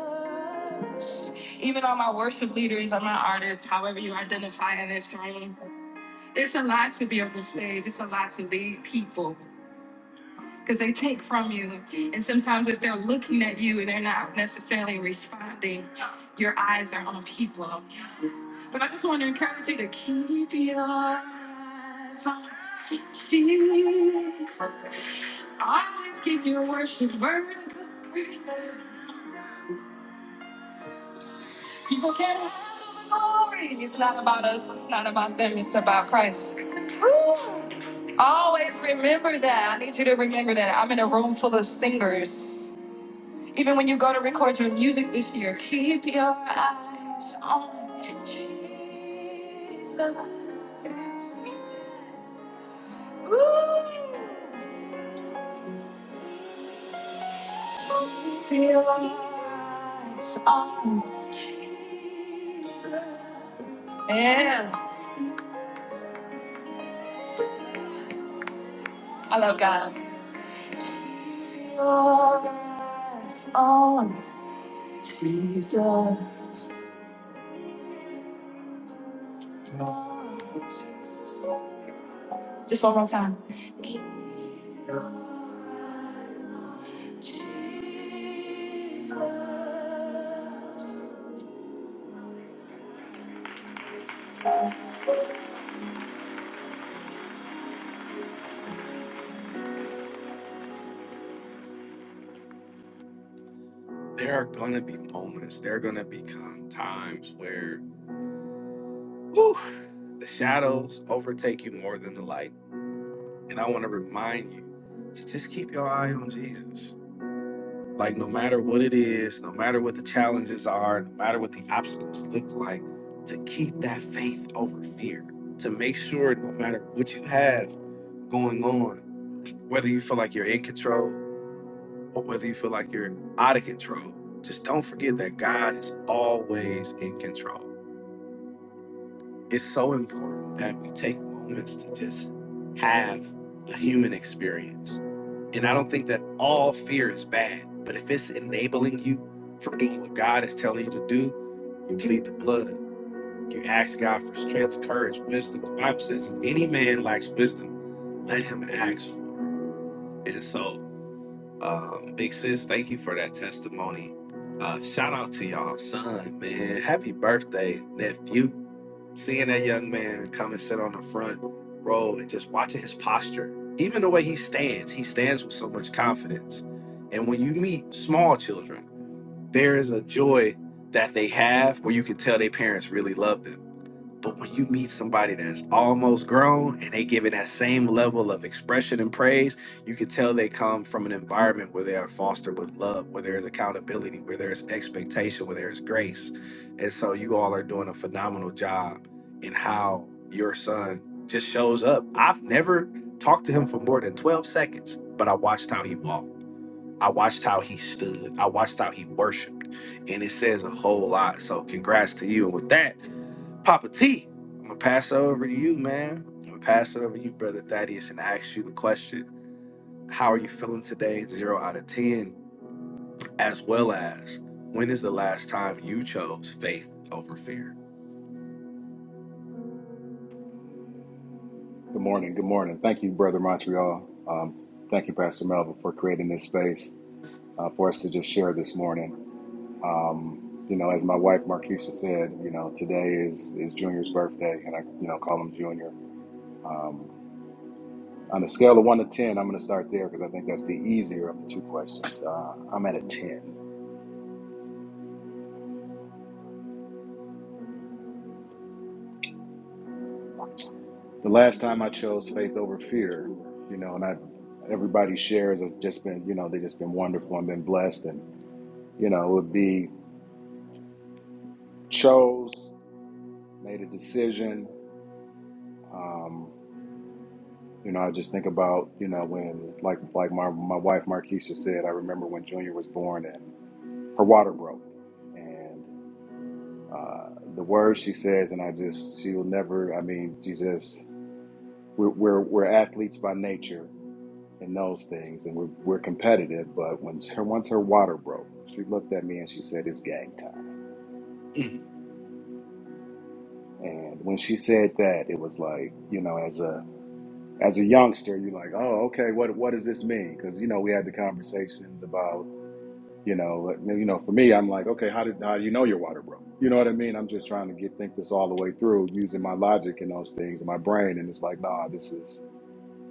Speaker 1: Even all my worship leaders, all my artists, however you identify in this room, it's a lot to be on the stage. It's a lot to lead people because they take from you. And sometimes if they're looking at you and they're not necessarily responding, your eyes are on people. But I just want to encourage you to keep your eyes on Jesus. Always keep your worship vertical. People can't handle the glory. It's not about us. It's not about them. It's about Christ. Woo! Always remember that. I need you to remember that. I'm in a room full of singers. Even when you go to record your music this year, keep your eyes on Jesus. Ooh. Keep your eyes on Jesus. Yeah, I love God. Just one more time. There are gonna be moments. There are gonna be con- times where whew, the shadows overtake you more than the light. And I want to remind you to just keep your eye on Jesus. Like, no matter what it is, no matter what the challenges are, no matter what the obstacles look like, to keep that faith over fear, to make sure no matter what you have going on, whether you feel like you're in control or whether you feel like you're out of control, just don't forget that God is always in control. It's so important that we take moments to just have a human experience and I don't think that all fear is bad, but if it's enabling you from doing what God is telling you to do, you plead the blood. You ask God for strength, courage, wisdom. The Bible says, if any man lacks wisdom, let him ask for it. And so, um, big sis, thank you for that testimony. Uh, shout out to y'all, son, man. Happy birthday, nephew seeing that young man come and sit on the front row and just watching his posture, even the way he stands, he stands with so much confidence. And when you meet small children, there is a joy that they have where you can tell their parents really love them but when you meet somebody that's almost grown and they give it that same level of expression and praise, you can tell they come from an environment where they are fostered with love, where there is accountability, where there is expectation, where there is grace. And so you all are doing a phenomenal job in how your son just shows up. I've never talked to him for more than 12 seconds, but I watched how he walked. I watched how he stood. I watched how he worshiped. And it says a whole lot. So congrats to you. And with that, Papa T, I'm gonna pass it over to you, man. I'm gonna pass it over to you, brother Thaddeus, and ask you the question: How are you feeling today, zero out of ten? As well as, when is the last time you chose faith over fear?
Speaker 6: Good morning. Good morning. Thank you, Brother Montreal. Um, thank you, Pastor Melvin, for creating this space uh, for us to just share this morning. Um, you know, as my wife Marquisha said, you know, today is is Junior's birthday, and I, you know, call him Junior. Um, on a scale of one to ten, I'm going to start there because I think that's the easier of the two questions. Uh, I'm at a ten. The last time I chose faith over fear, you know, and I, everybody shares have just been, you know, they just been wonderful and been blessed, and you know, it would be chose made a decision. Um, you know, I just think about you know when like like my my wife Markeisha said, I remember when Junior was born and her water broke, and uh, the words she says, and I just she will never. I mean, she just we're we're, we're athletes by nature in those things, and we're we're competitive. But when her once her water broke, she looked at me and she said, "It's gang time."
Speaker 1: Mm,
Speaker 6: And when she said that, it was like you know as a as a youngster, you're like, oh, okay, what what does this mean? Because you know we had the conversations about, you know, like, you know, for me, I'm like, okay, how did how do you know your water broke? You know what I mean? I'm just trying to get think this all the way through using my logic and those things in my brain, and it's like, nah, this is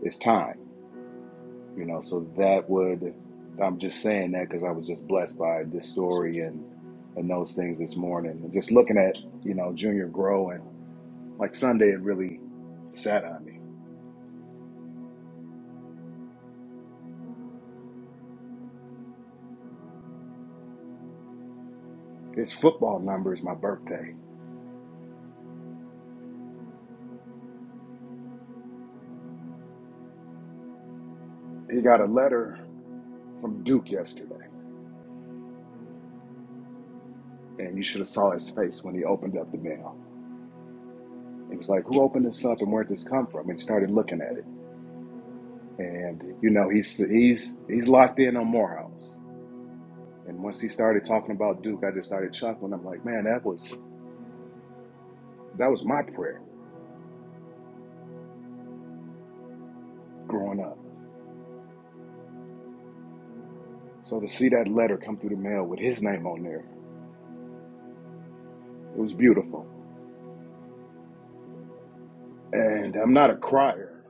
Speaker 6: it's time, you know. So that would I'm just saying that because I was just blessed by this story and and those things this morning, and just looking at you know Junior grow and like Sunday, it really sat on me. His football number is my birthday. He got a letter from Duke yesterday, and you should have saw his face when he opened up the mail. He was like, "Who opened this up, and where'd this come from?" And he started looking at it, and you know, he's he's he's locked in on Morehouse. And once he started talking about Duke, I just started chuckling. I'm like, "Man, that was that was my prayer growing up." So to see that letter come through the mail with his name on there, it was beautiful. And I'm not a crier,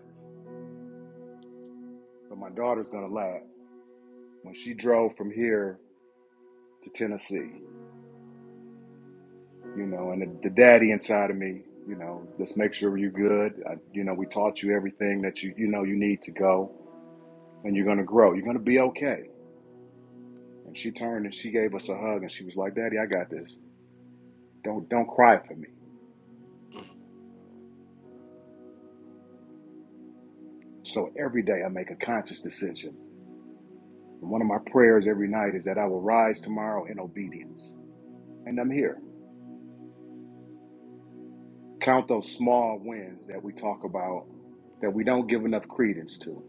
Speaker 6: but my daughter's gonna laugh when she drove from here to Tennessee you know, and the, the daddy inside of me, you know, just make sure you're good. I, you know, we taught you everything that you you know you need to go, and you're gonna grow. You're gonna be okay. And she turned and she gave us a hug, and she was like, "Daddy, I got this. Don't don't cry for me." So every day I make a conscious decision. And one of my prayers every night is that I will rise tomorrow in obedience, and I'm here. Count those small wins that we talk about that we don't give enough credence to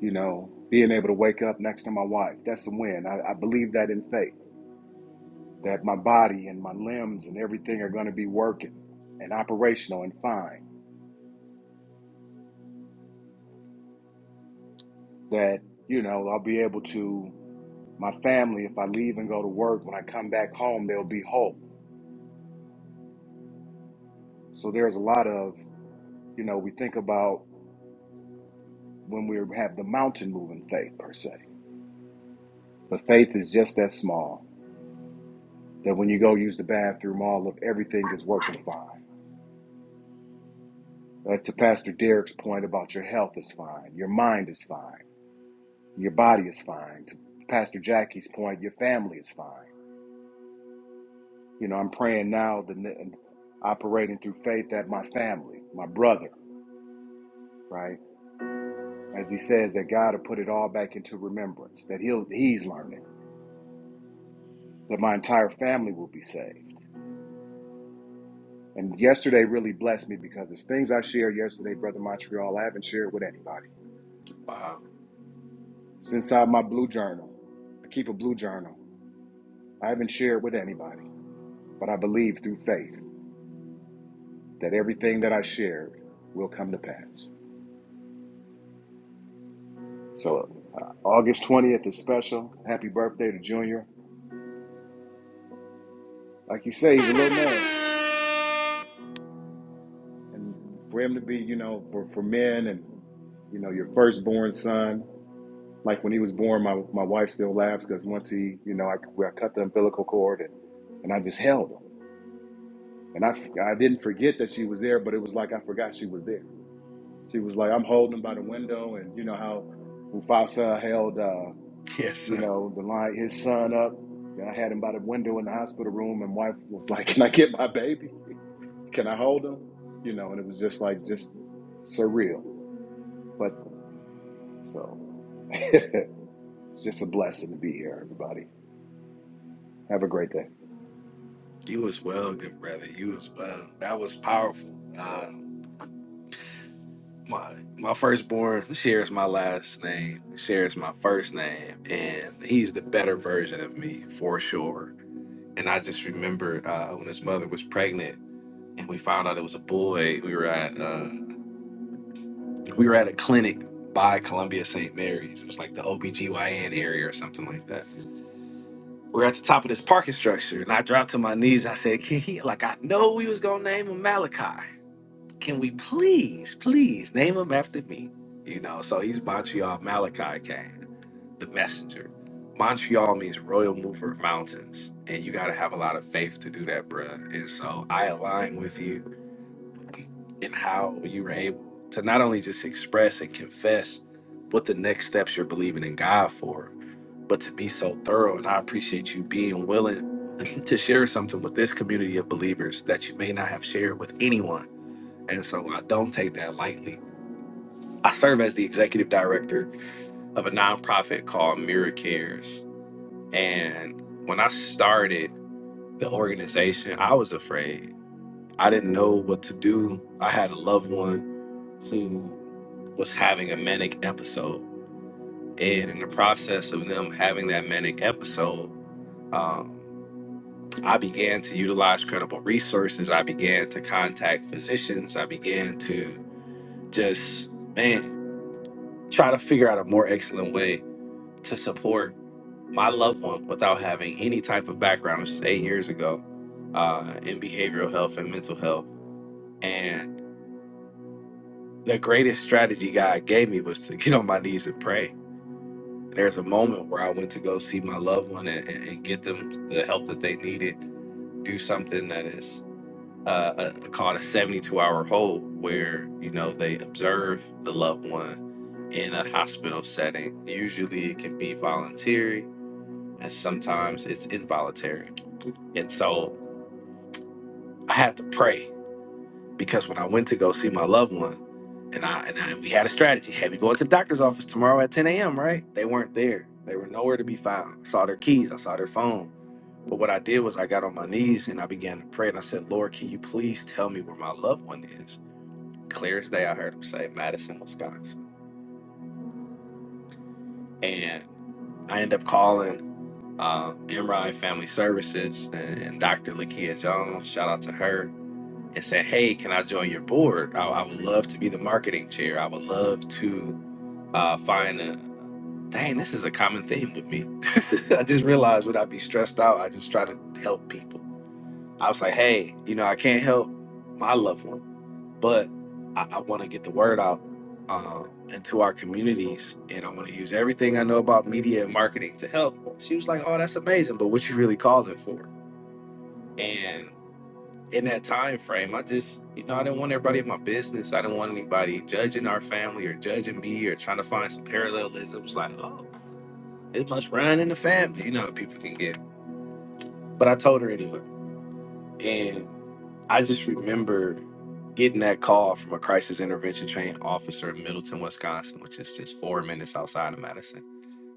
Speaker 6: you know, being able to wake up next to my wife. That's a win. I, I believe that in faith, that my body and my limbs and everything are going to be working and operational and fine. That, you know, I'll be able to, my family, if I leave and go to work, when I come back home, they'll be whole. So there's a lot of, you know, we think about when we have the mountain moving faith per se, but faith is just that small that when you go use the bathroom, all of everything is working fine Uh, to Pastor Derek's point about your health is fine, your mind is fine, your body is fine. To Pastor Jackie's point, your family is fine. You know, I'm praying now, the operating through faith, that my family, my brother, right, as he says, that God will put it all back into remembrance, that he'll he's learning, that my entire family will be saved. And yesterday really blessed me because it's things I shared yesterday, Brother Montreal, I haven't shared with anybody.
Speaker 1: wow.
Speaker 6: It's inside my blue journal. I keep a blue journal. I haven't shared with anybody But I believe through faith that everything that I shared will come to pass. So uh, August 20th is special. Happy birthday to Junior. Like you say, he's a little man. And for him to be, you know, for, for men and, you know, your firstborn son, like when he was born, my, my wife still laughs because once he, you know, I, I cut the umbilical cord and, and I just held him. And I I f- I didn't forget that she was there, but it was like I forgot she was there. She was like, I'm holding him by the window. And you know how Mufasa held. uh,
Speaker 1: Yes,
Speaker 6: you
Speaker 1: sir.
Speaker 6: know, the line his son up. Then I had him by the window in the hospital room, and wife was like, "Can I get my baby? Can I hold him?" You know, and it was just like just surreal. But so it's just a blessing to be here, everybody. Have a great day.
Speaker 1: You as well, good brother. You as well. That was powerful. Um, my my firstborn shares my last name, shares my first name, and he's the better version of me for sure. And I just remember uh, when his mother was pregnant. and we found out it was a boy. We were at uh, we were at a clinic by Columbia St. Mary's. It was like the OBGYN area or something like that. We were at the top of this parking structure and I dropped to my knees I said, Can he like I know we was gonna name him Malachi. Can we please, please name him after me? You know, so he's Montreal Malachi Kane, the messenger. Montreal means royal mover of mountains. And you gotta have a lot of faith to do that, bruh. And so I align with you and how you were able to not only just express and confess what the next steps you're believing in God for, but to be so thorough. And I appreciate you being willing to share something with this community of believers that you may not have shared with anyone. And so I don't take that lightly. I serve as the executive director of a nonprofit called Mirror Cares. And when I started the organization, I was afraid. I didn't know what to do. I had a loved one who. was having a manic episode. And in the process of them having that manic episode, um, I began to utilize credible resources. I began to contact physicians. I began to just, man, try to figure out a more excellent way to support my loved one without having any type of background. This was eight years ago uh, in behavioral health and mental health. And the greatest strategy God gave me was to get on my knees and pray There's a moment where I went to go see my loved one and, and and get them the help that they needed, do something that is uh, uh called a 72 hour hold, where, you know, they observe the loved one in a hospital setting. Usually it can be voluntary and sometimes it's involuntary. And so I had to pray because when I went to go see my loved one, and I and I, we had a strategy: hey, we going to the doctor's office tomorrow at 10 a.m. Right? They weren't there. They were nowhere to be found. I saw their keys. I saw their phone. But what I did was I got on my knees and I began to pray and I said, Lord, can you please tell me where my loved one is? Clear as day, I heard him say Madison, Wisconsin, and I end up calling. Uh, MRI Family Services and, and Dr. Lakia Jones, shout out to her and say, hey, can I join your board? I, I would love to be the marketing chair. I would love to uh, find a, dang, this is a common theme with me. I just realized when I be stressed out, I just try to help people. I was like, hey, you know, I can't help my loved one, but I, I want to get the word out um, and our communities. And I want to use everything I know about media and marketing to help. She was like, oh, that's amazing. But what you really calling for? And in that time frame, I just, you know, I didn't want everybody in my business. I didn't want anybody judging our family or judging me or trying to find some parallelisms like, oh, it must run in the family. You know, how people can get. But I told her anyway. And I just remember getting that call from a crisis intervention trained officer in Middleton, Wisconsin, which is just four minutes outside of Madison,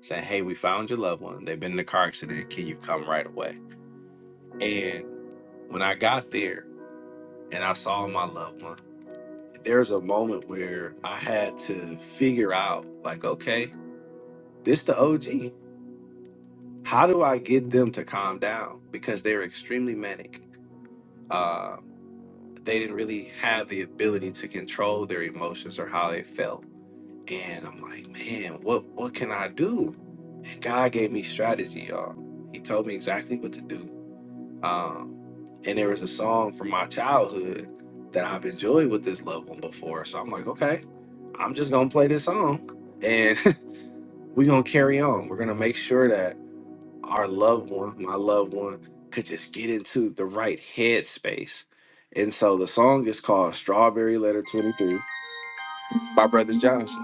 Speaker 1: saying, hey, we found your loved one. They've been in a car accident. Can you come right away? And when I got there and I saw my loved one, there's a moment where I had to figure out, like, okay, this the OG. How do I get them to calm down? Because they're extremely manic. Uh, they didn't really have the ability to control their emotions or how they felt. And I'm like, man, what what can I do? And God gave me strategy, y'all. He told me exactly what to do. Um, and there was a song from my childhood that I've enjoyed with this loved one before. So I'm like, okay, I'm just gonna play this song and we're gonna carry on. We're gonna make sure that our loved one, my loved one, could just get into the right headspace. And so the song is called Strawberry Letter 23 by Brothers Johnson.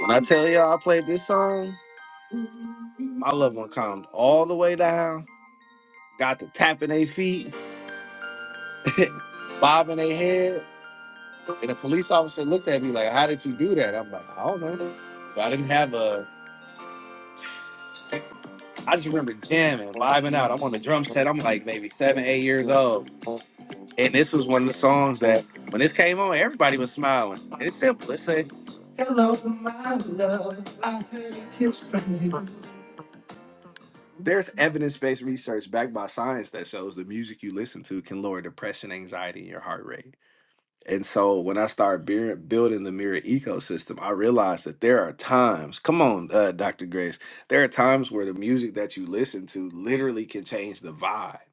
Speaker 1: When I tell y'all I played this song, my loved one calmed all the way down, got to tapping their feet, bobbing their head, And the police officer looked at me like, "How did you do that?" I'm like, "I don't know." But I didn't have a. I just remember jamming, living out. I'm on the drum set. I'm like maybe seven, eight years old, and this was one of the songs that when this came on, everybody was smiling. And it's simple. It said, "Hello, my love. I heard a kiss from you." There's evidence-based research backed by science that shows the music you listen to can lower depression, anxiety, and your heart rate. And so when I started beer- building the mirror ecosystem, I realized that there are times, come on, uh, Dr. Grace, there are times where the music that you listen to literally can change the vibe.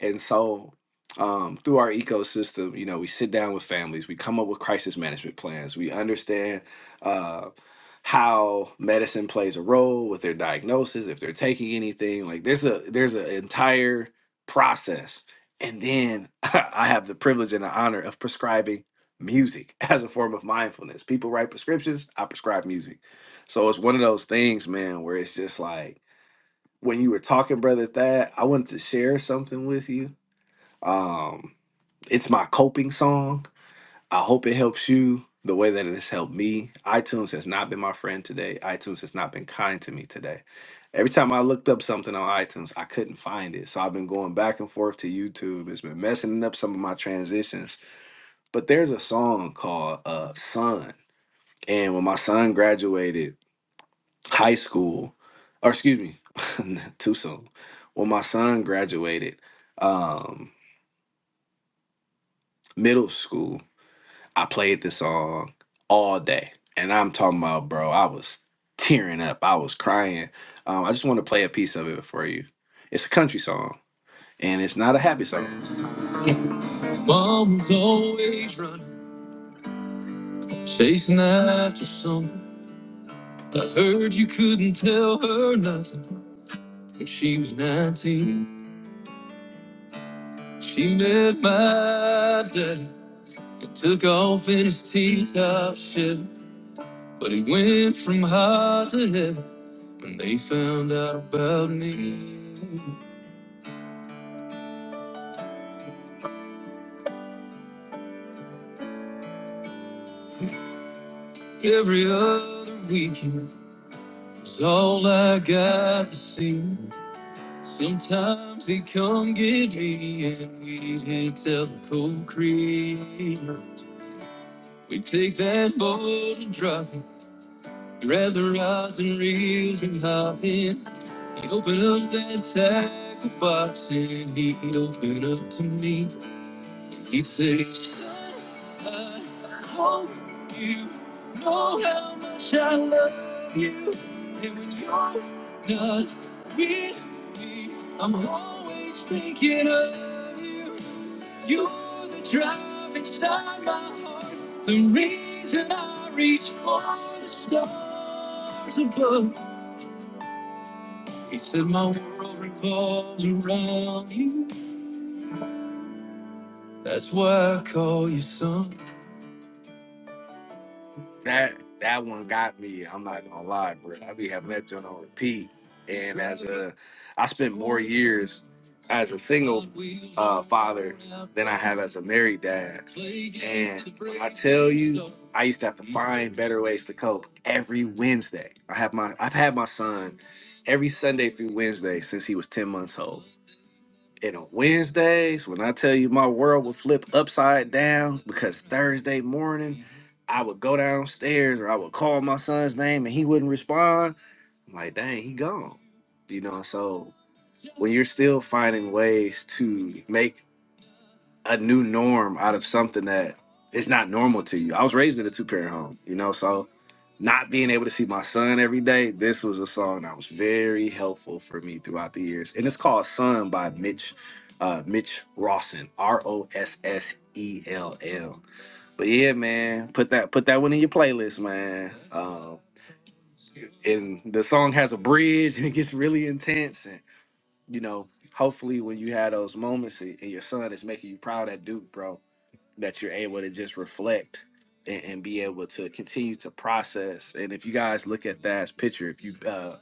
Speaker 1: And so, um, through our ecosystem, you know, we sit down with families, we come up with crisis management plans, we understand uh, how medicine plays a role with their diagnosis, if they're taking anything. Like, there's a there's an entire process. And then I have the privilege and the honor of prescribing music as a form of mindfulness. People write prescriptions, I prescribe music. So it's one of those things, man, where it's just like when you were talking, brother Thad, I wanted to share something with you um, it's my coping song. I hope it helps you the way that it has helped me. iTunes has not been my friend today. iTunes has not been kind to me today. Every time I looked up something on iTunes, I couldn't find it. So I've been going back and forth to YouTube. It's been messing up some of my transitions. But there's a song called uh, Son. And when my son graduated high school, or excuse me, too soon. When my son graduated um, middle school, I played the song all day, and I'm talking about, bro, I was tearing up, I was crying. Um, I just want to play a piece of it for you. It's a country song, and it's not a happy song. They found out about me every other weekend. It's all I got to see. Sometimes they come get me, and we hit Elko Creek. We take that boat and drop it. Rather odds and reels and hop in. He opened up that tackle box and he opened up to me. He says, I hope you know how much I love you. And when you're not with me, I'm always thinking of you. You're the drive inside my heart, the reason I reach for the stars above. He said, My world revolves around you. That's why I call you son. that that one got me. I'm not gonna lie, bro. I be having that joint on repeat. And as a, I spent more years as a single uh, father than I have as a married dad. And when I tell you, I used to have to find better ways to cope every Wednesday. I have my, I've had my son every Sunday through Wednesday since he was 10 months old and on Wednesdays, when I tell you my world would flip upside down because Thursday morning I would go downstairs or I would call my son's name and he wouldn't respond. I'm like, dang, he gone. You know, so when you're still finding ways to make a new norm out of something that is not normal to you. I was raised in a two parent home, you know, so not being able to see my son every day, this was a song that was very helpful for me throughout the years. And it's called Son by Mitch uh Mitch Rawson, R O S S E L L. But yeah, man, put that put that one in your playlist, man. Um and the song has a bridge and it gets really intense and you know, hopefully when you have those moments and and your son is making you proud at Duke, bro that you're able to just reflect and, and be able to continue to process. And if you guys look at that picture, if you uh,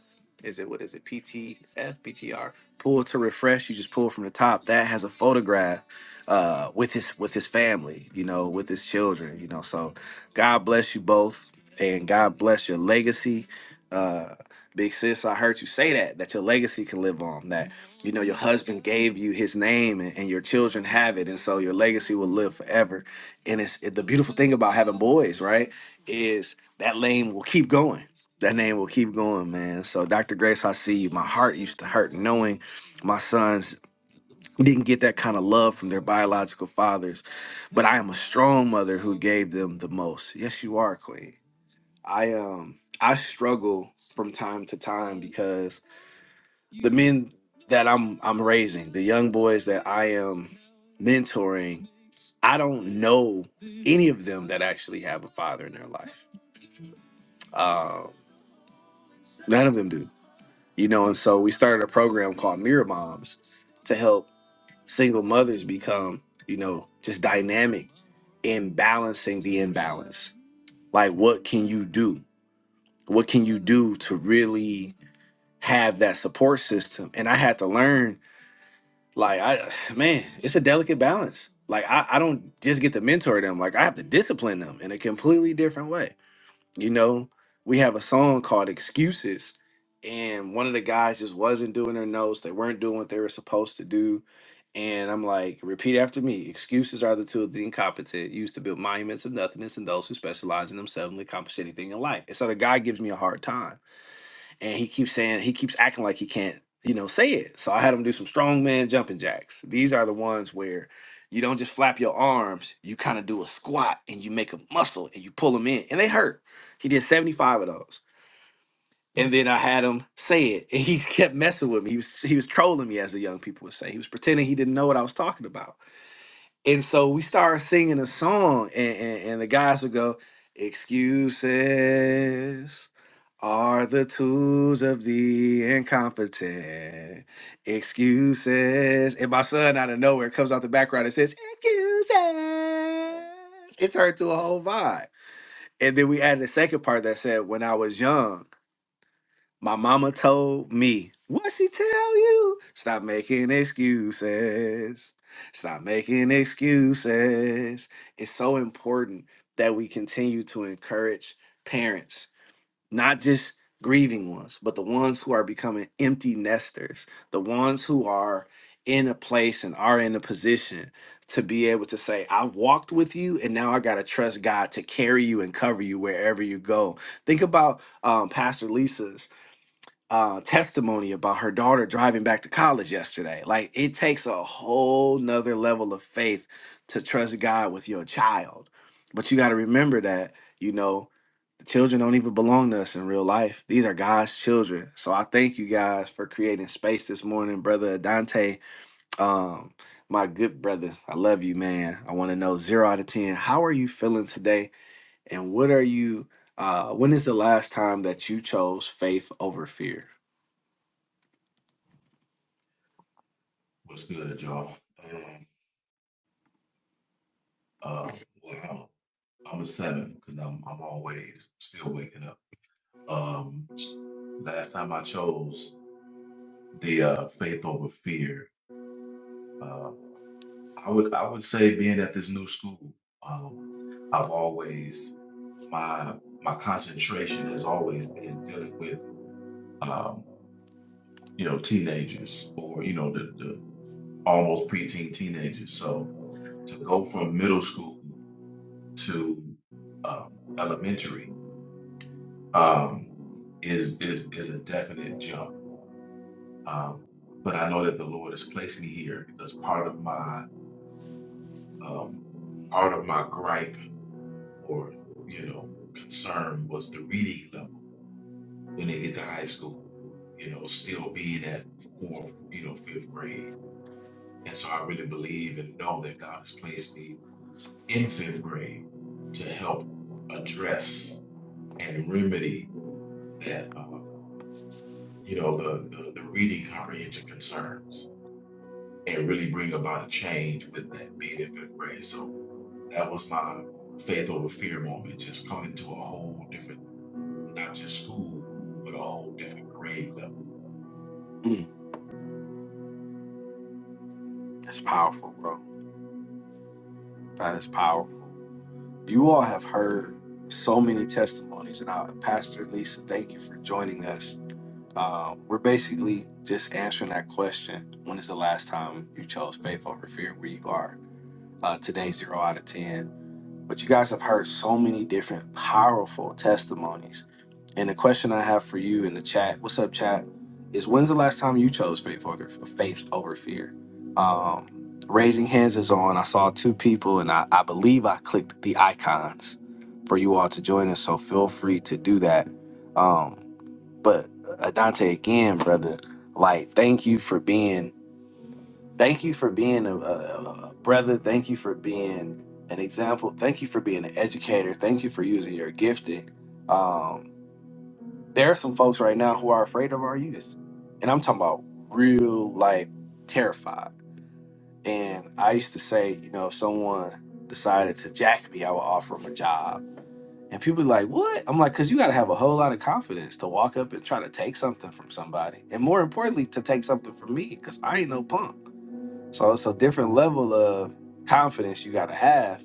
Speaker 1: pull to refresh you just pull from the top that has a photograph uh with his with his family you know with his children you know so god bless you both and god bless your legacy uh big sis i heard you say that that your legacy can live on that you know your husband gave you his name and, and your children have it and so your legacy will live forever and it's it, the beautiful thing about having boys right is that lane will keep going that name will keep going, man. So, Dr. Grace, I see you. My heart used to hurt knowing my sons didn't get that kind of love from their biological fathers, but I am a strong mother who gave them the most. Yes, you are, Queen. I um I struggle from time to time because the men that I'm I'm raising, the young boys that I am mentoring, I don't know any of them that actually have a father in their life. Um, none of them do, you know. And so we started a program called Mirror Moms single mothers become, you know, just dynamic in balancing the imbalance. Like, what can you do? What can you do to really have that support system? And I had to learn, like, I, man, it's a delicate balance. Like, I, I don't just get to mentor them, like, I have to discipline them in a completely different way you know, we have a song called Excuses, and one of the guys just wasn't doing their notes. They weren't doing what they were supposed to do. And I'm like, repeat after me. Excuses are the tools of the incompetent used to build monuments of nothingness and those who specialize in themselves and accomplish anything in life. And so the guy gives me a hard time and he keeps saying he keeps acting like he can't you know say it so i had him do some strongman jumping jacks these are the ones where you don't just flap your arms you kind of do a squat and you make a muscle and you pull them in and they hurt he did 75 of those and then i had him say it and he kept messing with me he was he was trolling me as the young people would say he was pretending he didn't know what i was talking about and so we started singing a song, and, and, and the guys would go, Excuses are the tools of the incompetent. Excuses. And my son out of nowhere comes out the background and says, Excuses. It turned to a whole vibe. And then we added a second part that said, When I was young. My mama told me, what she tell you? Stop making excuses. Stop making excuses. It's so important that we continue to encourage parents, not just grieving ones, but the ones who are becoming empty nesters, the ones who are in a place and are in a position to be able to say, I've walked with you, and now I got to trust God to carry you and cover you wherever you go. Think about um, Pastor Lisa uh, testimony about her daughter driving back to college yesterday. Like it takes a whole nother level of faith to trust God with your child. But you got to remember that, you know, the children don't even belong to us in real life. These are God's children. So I thank you guys for creating space this morning, brother Dante. Um, my good brother, I love you, man. I want to know zero out of 10. How are you feeling today? And what are you, uh, when is the last time that you chose faith over fear?
Speaker 8: What's good, y'all? Um, uh, well, I'm a seven because I'm I'm always still waking up. Um, last time I chose the uh, faith over fear. Uh, I would I would say being at this new school, um, I've always my my concentration has always been dealing with um, you know teenagers or you know the, the almost preteen teenagers. So to go from middle school. to um, elementary um, is is is a definite jump. Um, but I know that the Lord has placed me here because part of my um, part of my gripe or you know concern was the reading level when they get to high school. You know, still being at fourth, you know, fifth grade. And so I really believe and know that God has placed me in fifth grade to help address and remedy that. Um, you know, the, the, the reading comprehension concerns and really bring about a change with that being in fifth grade. So that was my faith over fear moment, just coming to a whole different, not just school, but a whole different grade level.
Speaker 1: That's powerful, bro. That is powerful. You all have heard so many testimonies, and I, Pastor Lisa, thank you for joining us. Um, we're basically just answering that question: When is the last time you chose faith over fear? Where you are uh, today, zero out of ten. But you guys have heard so many different powerful testimonies And the question I have for you in the chat, what's up, chat, is when's the last time you chose faith over faith over fear? Um, raising hands is on. I saw two people, and I, I believe I clicked the icons for you all to join us. So feel free to do that. Um, but uh, Adante, again, brother, like thank you for being, thank you for being a, a, a brother. Thank you for being an example. Thank you for being an educator. Thank you for using your gifting. Um, there are some folks right now who are afraid of our youth. And I'm talking about real like, terrified. And I used to say, you know, if someone decided to jack me, I would offer them a job. And people be like, what? I'm like, because you got to have a whole lot of confidence to walk up and try to take something from somebody. And more importantly, to take something from me, because I ain't no punk. So it's a different level of confidence you got to have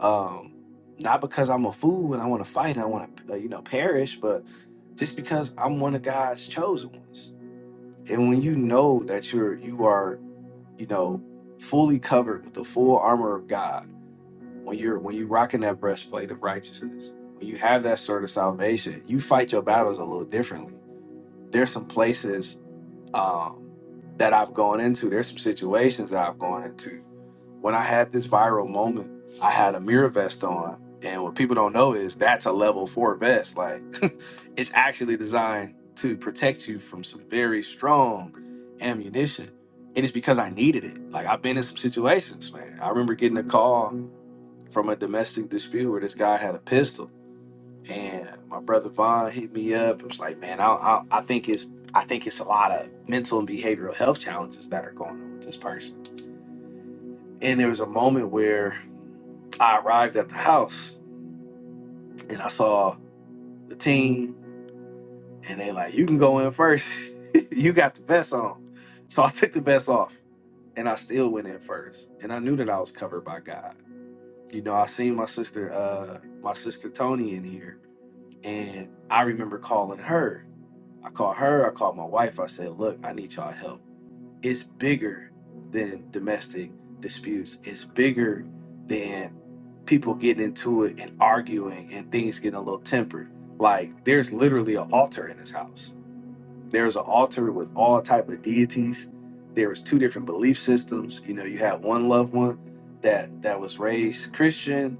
Speaker 1: um, not because I'm a fool and I want to fight and I want to, you know, perish, but just because I'm one of God's chosen ones. And when you know that you're, you are, you know, fully covered with the full armor of God, when you're, when you rocking that breastplate of righteousness, when you have that sword of salvation, you fight your battles a little differently. There's some places um, that I've gone into. There's some situations that I've gone into when I had this viral moment, I had a mirror vest on. And what people don't know is that's a level four vest. Like it's actually designed to protect you from some very strong ammunition. And it's because I needed it. Like I've been in some situations, man. I remember getting a call from a domestic dispute where this guy had a pistol. And my brother Vaughn hit me up and was like, man, I, I, I think it's I think it's a lot of mental and behavioral health challenges that are going on with this person. And there was a moment where I arrived at the house and I saw the team, and they like, you can go in first. you got the vest on. So I took the vest off and I still went in first. And I knew that I was covered by God. You know, I seen my sister, uh, my sister Tony in here, and I remember calling her. I called her, I called my wife, I said, Look, I need y'all help. it's bigger than domestic disputes. It's bigger than people getting into it and arguing and things getting a little tempered. Like there's literally an altar in this house. There's an altar with all type of deities. There was two different belief systems. You know, you had one loved one that that was raised Christian,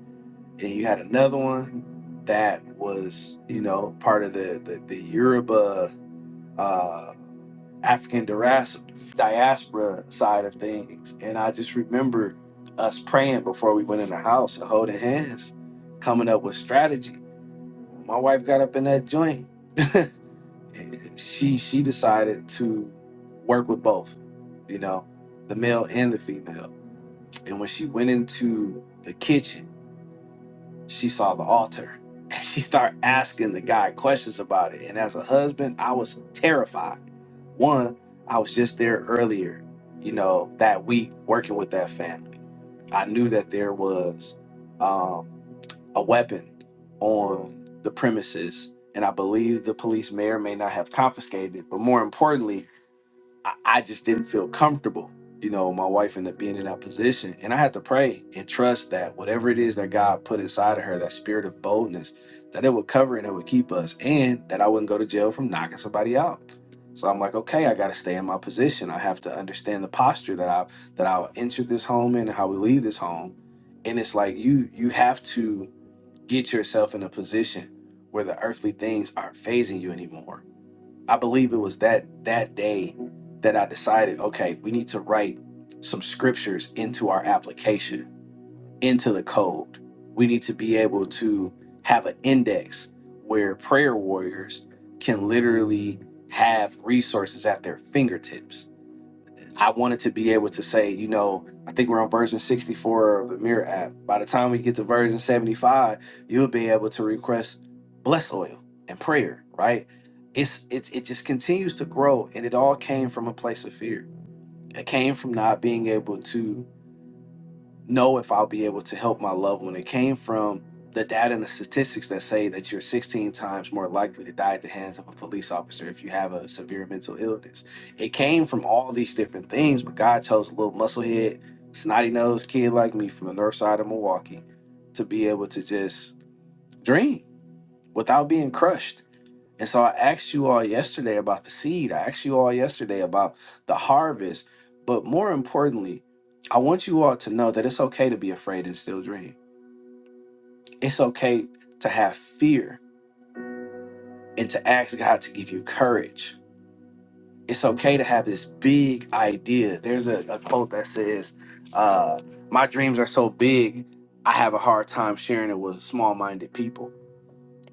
Speaker 1: and you had another one that was, you know, part of the the, the Yoruba uh African dias- diaspora side of things. And I just remember us praying before we went in the house and holding hands, coming up with strategy. My wife got up in that joint and she she decided to work with both, you know, the male and the female. And when she went into the kitchen, she saw the altar and she started asking the guy questions about it. And as a husband, I was terrified. One, I was just there earlier, you know, that week working with that family. I knew that there was um, a weapon on the premises, and I believe the police may or may not have confiscated it. But more importantly, I, I just didn't feel comfortable. You know, my wife ended up being in that position. And I had to pray and trust that whatever it is that God put inside of her, that spirit of boldness, that it would cover and it would keep us, and that I wouldn't go to jail from knocking somebody out. So I'm like, okay, I gotta stay in my position. I have to understand the posture that I that I'll enter this home in and how we leave this home. And it's like you you have to get yourself in a position where the earthly things aren't phasing you anymore I believe it was that that day that I decided, okay, we need to write some scriptures into our application, into the code. We need to be able to have an index where prayer warriors can literally have resources at their fingertips I wanted to be able to say, you know, I think we're on version 64 of the Mirror app. By the time we get to version 75, you'll be able to request bless oil and prayer, right? It's it's it just continues to grow and it all came from a place of fear. It came from not being able to know if I'll be able to help my loved one. It came from the data and the statistics that say that you're 16 times more likely to die at the hands of a police officer if you have a severe mental illness. It came from all these different things, but God chose a little musclehead, snotty nosed kid like me from the north side of Milwaukee to be able to just dream without being crushed. And so I asked you all yesterday about the seed. I asked you all yesterday about the harvest. But more importantly, I want you all to know that it's okay to be afraid and still dream. It's okay to have fear and to ask God to give you courage. It's okay to have this big idea. There's a, a quote that says, uh, My dreams are so big, I have a hard time sharing it with small minded people.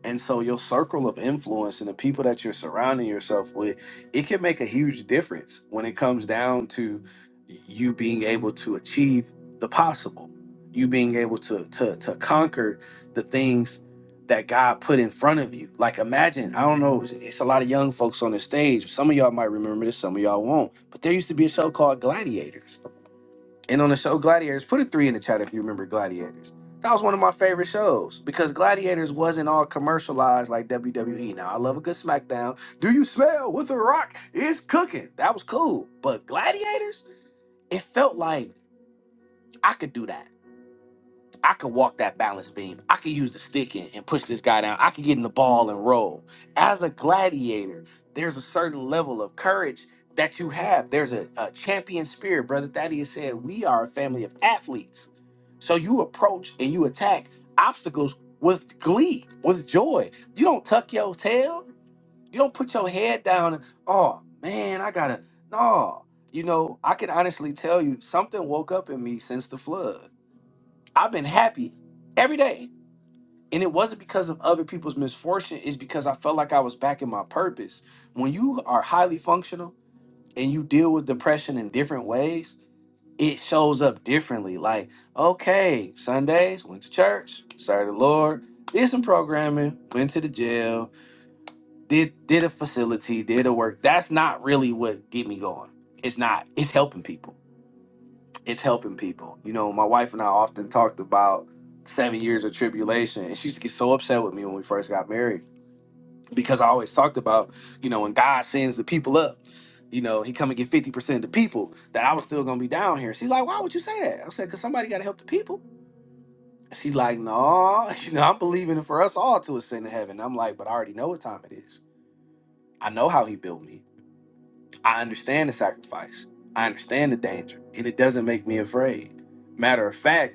Speaker 1: And so your circle of influence and the people that you're surrounding yourself with, it can make a huge difference when it comes down to you being able to achieve the possible, you being able to to to conquer the things that God put in front of you. Like imagine, I don't know, it's a lot of young folks on the stage. Some of y'all might remember this, some of y'all won't. But there used to be a show called Gladiators and on the show Gladiators, put a three in the chat if you remember Gladiators. That was one of my favorite shows because Gladiators wasn't all commercialized like WWE. Now I love a good SmackDown. Do you smell what the Rock is cooking? That was cool, but Gladiators, it felt like I could do that. I could walk that balance beam. I could use the stick and, and push this guy down. I could get in the ball and roll. As a gladiator, there's a certain level of courage that you have. There's a, a champion spirit. Brother Thaddeus said, We are a family of athletes. So you approach and you attack obstacles with glee, with joy. You don't tuck your tail. You don't put your head down and, oh man, I gotta, no. You know, I can honestly tell you something woke up in me since the flood I've been happy every day. And it wasn't because of other people's misfortune, it's because I felt like I was back in my purpose. When you are highly functional and you deal with depression in different ways, it shows up differently. Like, okay, Sundays, went to church, served the Lord, did some programming, went to the jail, did did a facility, did a work. That's not really what get me going. It's not. It's helping people it's helping people. You know, my wife and I often talked about seven years of tribulation, and she used to get so upset with me when we first got married because I always talked about, you know, when God sends the people up, you know, He come and get fifty percent of the people that I was still gonna be down here. She's like, why would you say that? I said, because somebody got to help the people. She's like, no, you know, I'm believing for us all to ascend to heaven. I'm like, but I already know what time it is. I know how He built me. I understand the sacrifice. I understand the danger, and it doesn't make me afraid. Matter of fact.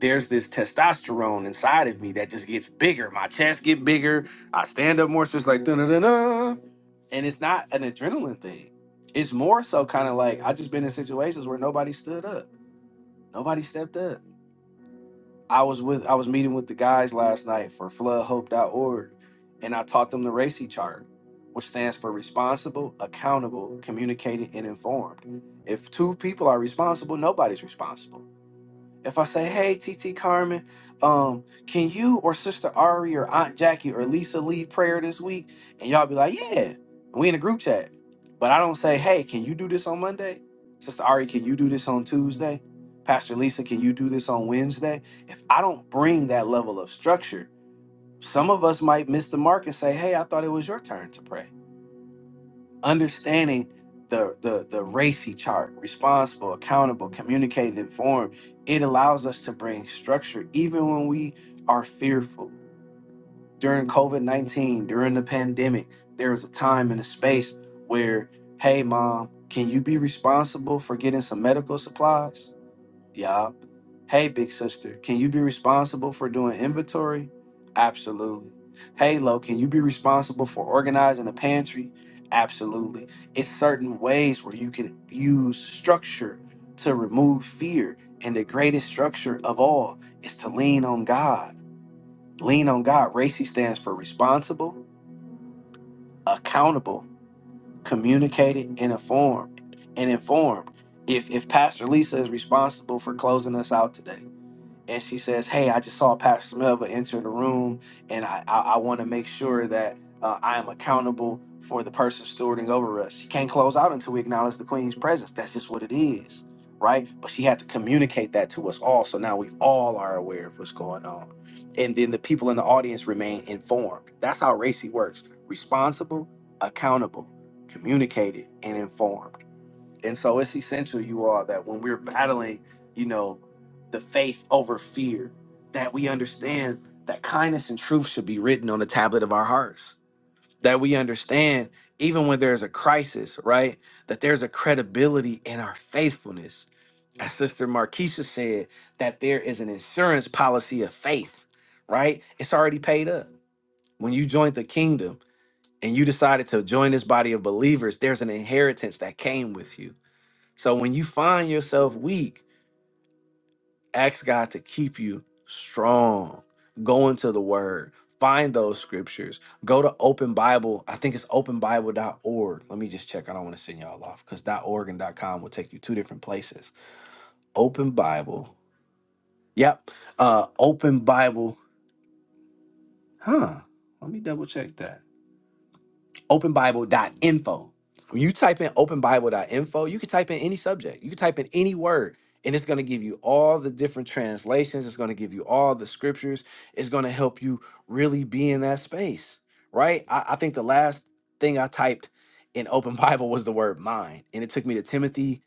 Speaker 1: there's this testosterone inside of me that just gets bigger. My chest get bigger. I stand up more. So it's like da da da. And it's not an adrenaline thing. It's more so kind of like I just been in situations where nobody stood up, nobody stepped up. I was with I was meeting with the guys last night for floodhope.org, and I taught them the RACI chart, which stands for responsible, accountable, communicated, and informed. If two people are responsible, nobody's responsible if I say, "Hey, TT Carmen, um, can you or Sister Ari or Aunt Jackie or Lisa lead prayer this week?" and y'all be like, "Yeah," we in a group chat, but I don't say, "Hey, can you do this on Monday?" Sister Ari, can you do this on Tuesday? Pastor Lisa, can you do this on Wednesday? If I don't bring that level of structure, some of us might miss the mark and say, "Hey, I thought it was your turn to pray." understanding the, the the racy chart responsible accountable communicated informed it allows us to bring structure even when we are fearful during covid-19 during the pandemic there was a time and a space where hey mom can you be responsible for getting some medical supplies yeah. Hey, big sister, can you be responsible for doing inventory? Absolutely. Hey, Lo, can you be responsible for organizing the pantry? Absolutely. It's certain ways where you can use structure to remove fear. And the greatest structure of all is to lean on God. Lean on God. RACI stands for responsible, accountable, communicated, and informed. And informed. If, if Pastor Lisa is responsible for closing us out today, and she says, "Hey, I just saw Pastor Melva enter the room, and I I, I want to make sure that uh, I am accountable for the person stewarding over us. She can't close out until we acknowledge the Queen's presence. That's just what it is, right? But she had to communicate that to us all, so now we all are aware of what's going on, and then the people in the audience remain informed. That's how Racy works: responsible, accountable, communicated, and informed. And so it's essential, you all, that when we're battling, you know, the faith over fear, that we understand that kindness and truth should be written on the tablet of our hearts. That we understand, even when there's a crisis, right? That there's a credibility in our faithfulness. As Sister Markeisha said, that there is an insurance policy of faith, right? It's already paid up. When you joined the kingdom and you decided to join this body of believers, there's an inheritance that came with you so when you find yourself weak, ask God to keep you strong. Go into the word, find those scriptures. Go to Open Bible. I think it's Open Bible dot org. Let me just check. I don't want to send y'all off because .org and .com will take you two different places. Open Bible. Yep. Uh open Bible. Huh. Let me double check that. openbible.info. When you type in openbible.info, you can type in any subject, you can type in any word, and it's going to give you all the different translations. It's going to give you all the scriptures. It's going to help you really be in that space, right? I, I think the last thing I typed in Open Bible was the word mind, and it took me to Timothy,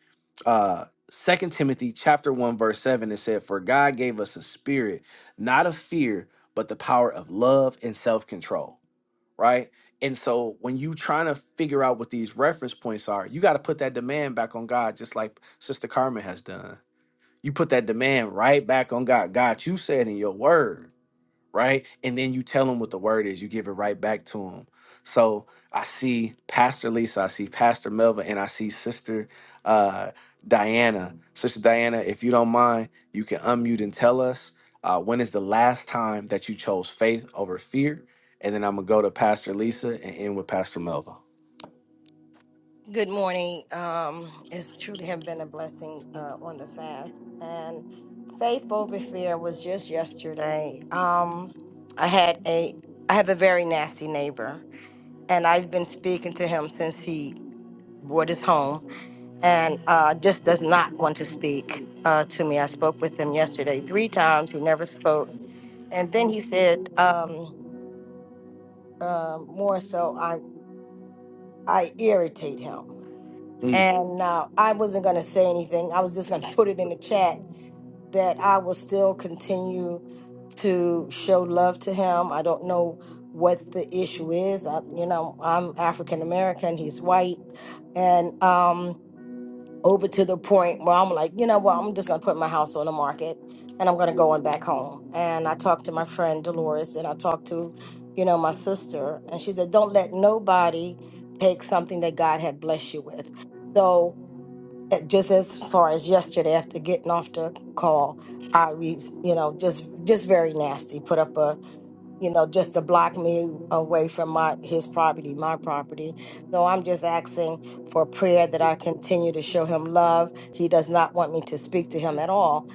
Speaker 1: uh, 2 Timothy chapter 1, verse 7. It said, For God gave us a spirit, not of fear, but the power of love and self control right? And so when you trying to figure out what these reference points are, you got to put that demand back on God, just like Sister Carmen has done. You put that demand right back on God. God, you said in your word right? And then you tell them what the word is. You give it right back to them. So I see Pastor Lisa, I see Pastor Melva, and I see Sister uh, Diana. Sister Diana, if you don't mind, you can unmute and tell us uh, when is the last time that you chose faith over fear? And then I'm gonna go to Pastor Lisa and end with Pastor Melva.
Speaker 9: Good morning. Um, it's truly have been a blessing uh, on the fast. And faith over fear was just yesterday. Um, I had a I have a very nasty neighbor, and I've been speaking to him since he bought his home, and uh, just does not want to speak uh, to me. I spoke with him yesterday three times. He never spoke, and then he said um, um more so I I irritate him.
Speaker 1: Mm,
Speaker 9: And uh, I wasn't going to say anything. I was just going to put it in the chat that I will still continue to show love to him. I don't know what the issue is. I, you know, I'm African American, he's white. And um, over to the point where I'm like, you know what, I'm just going to put my house on the market and I'm going to go on back home. And I talked to my friend Dolores and I talked to, you know, my sister. And she said, don't let nobody take something that God had blessed you with. So, uh, just as far as yesterday after getting off the call, I was, you know, just just very nasty. Put up a you know, just to block me away from my his property, my property. So I'm just asking for prayer that I continue to show him love. He does not want me to speak to him at all.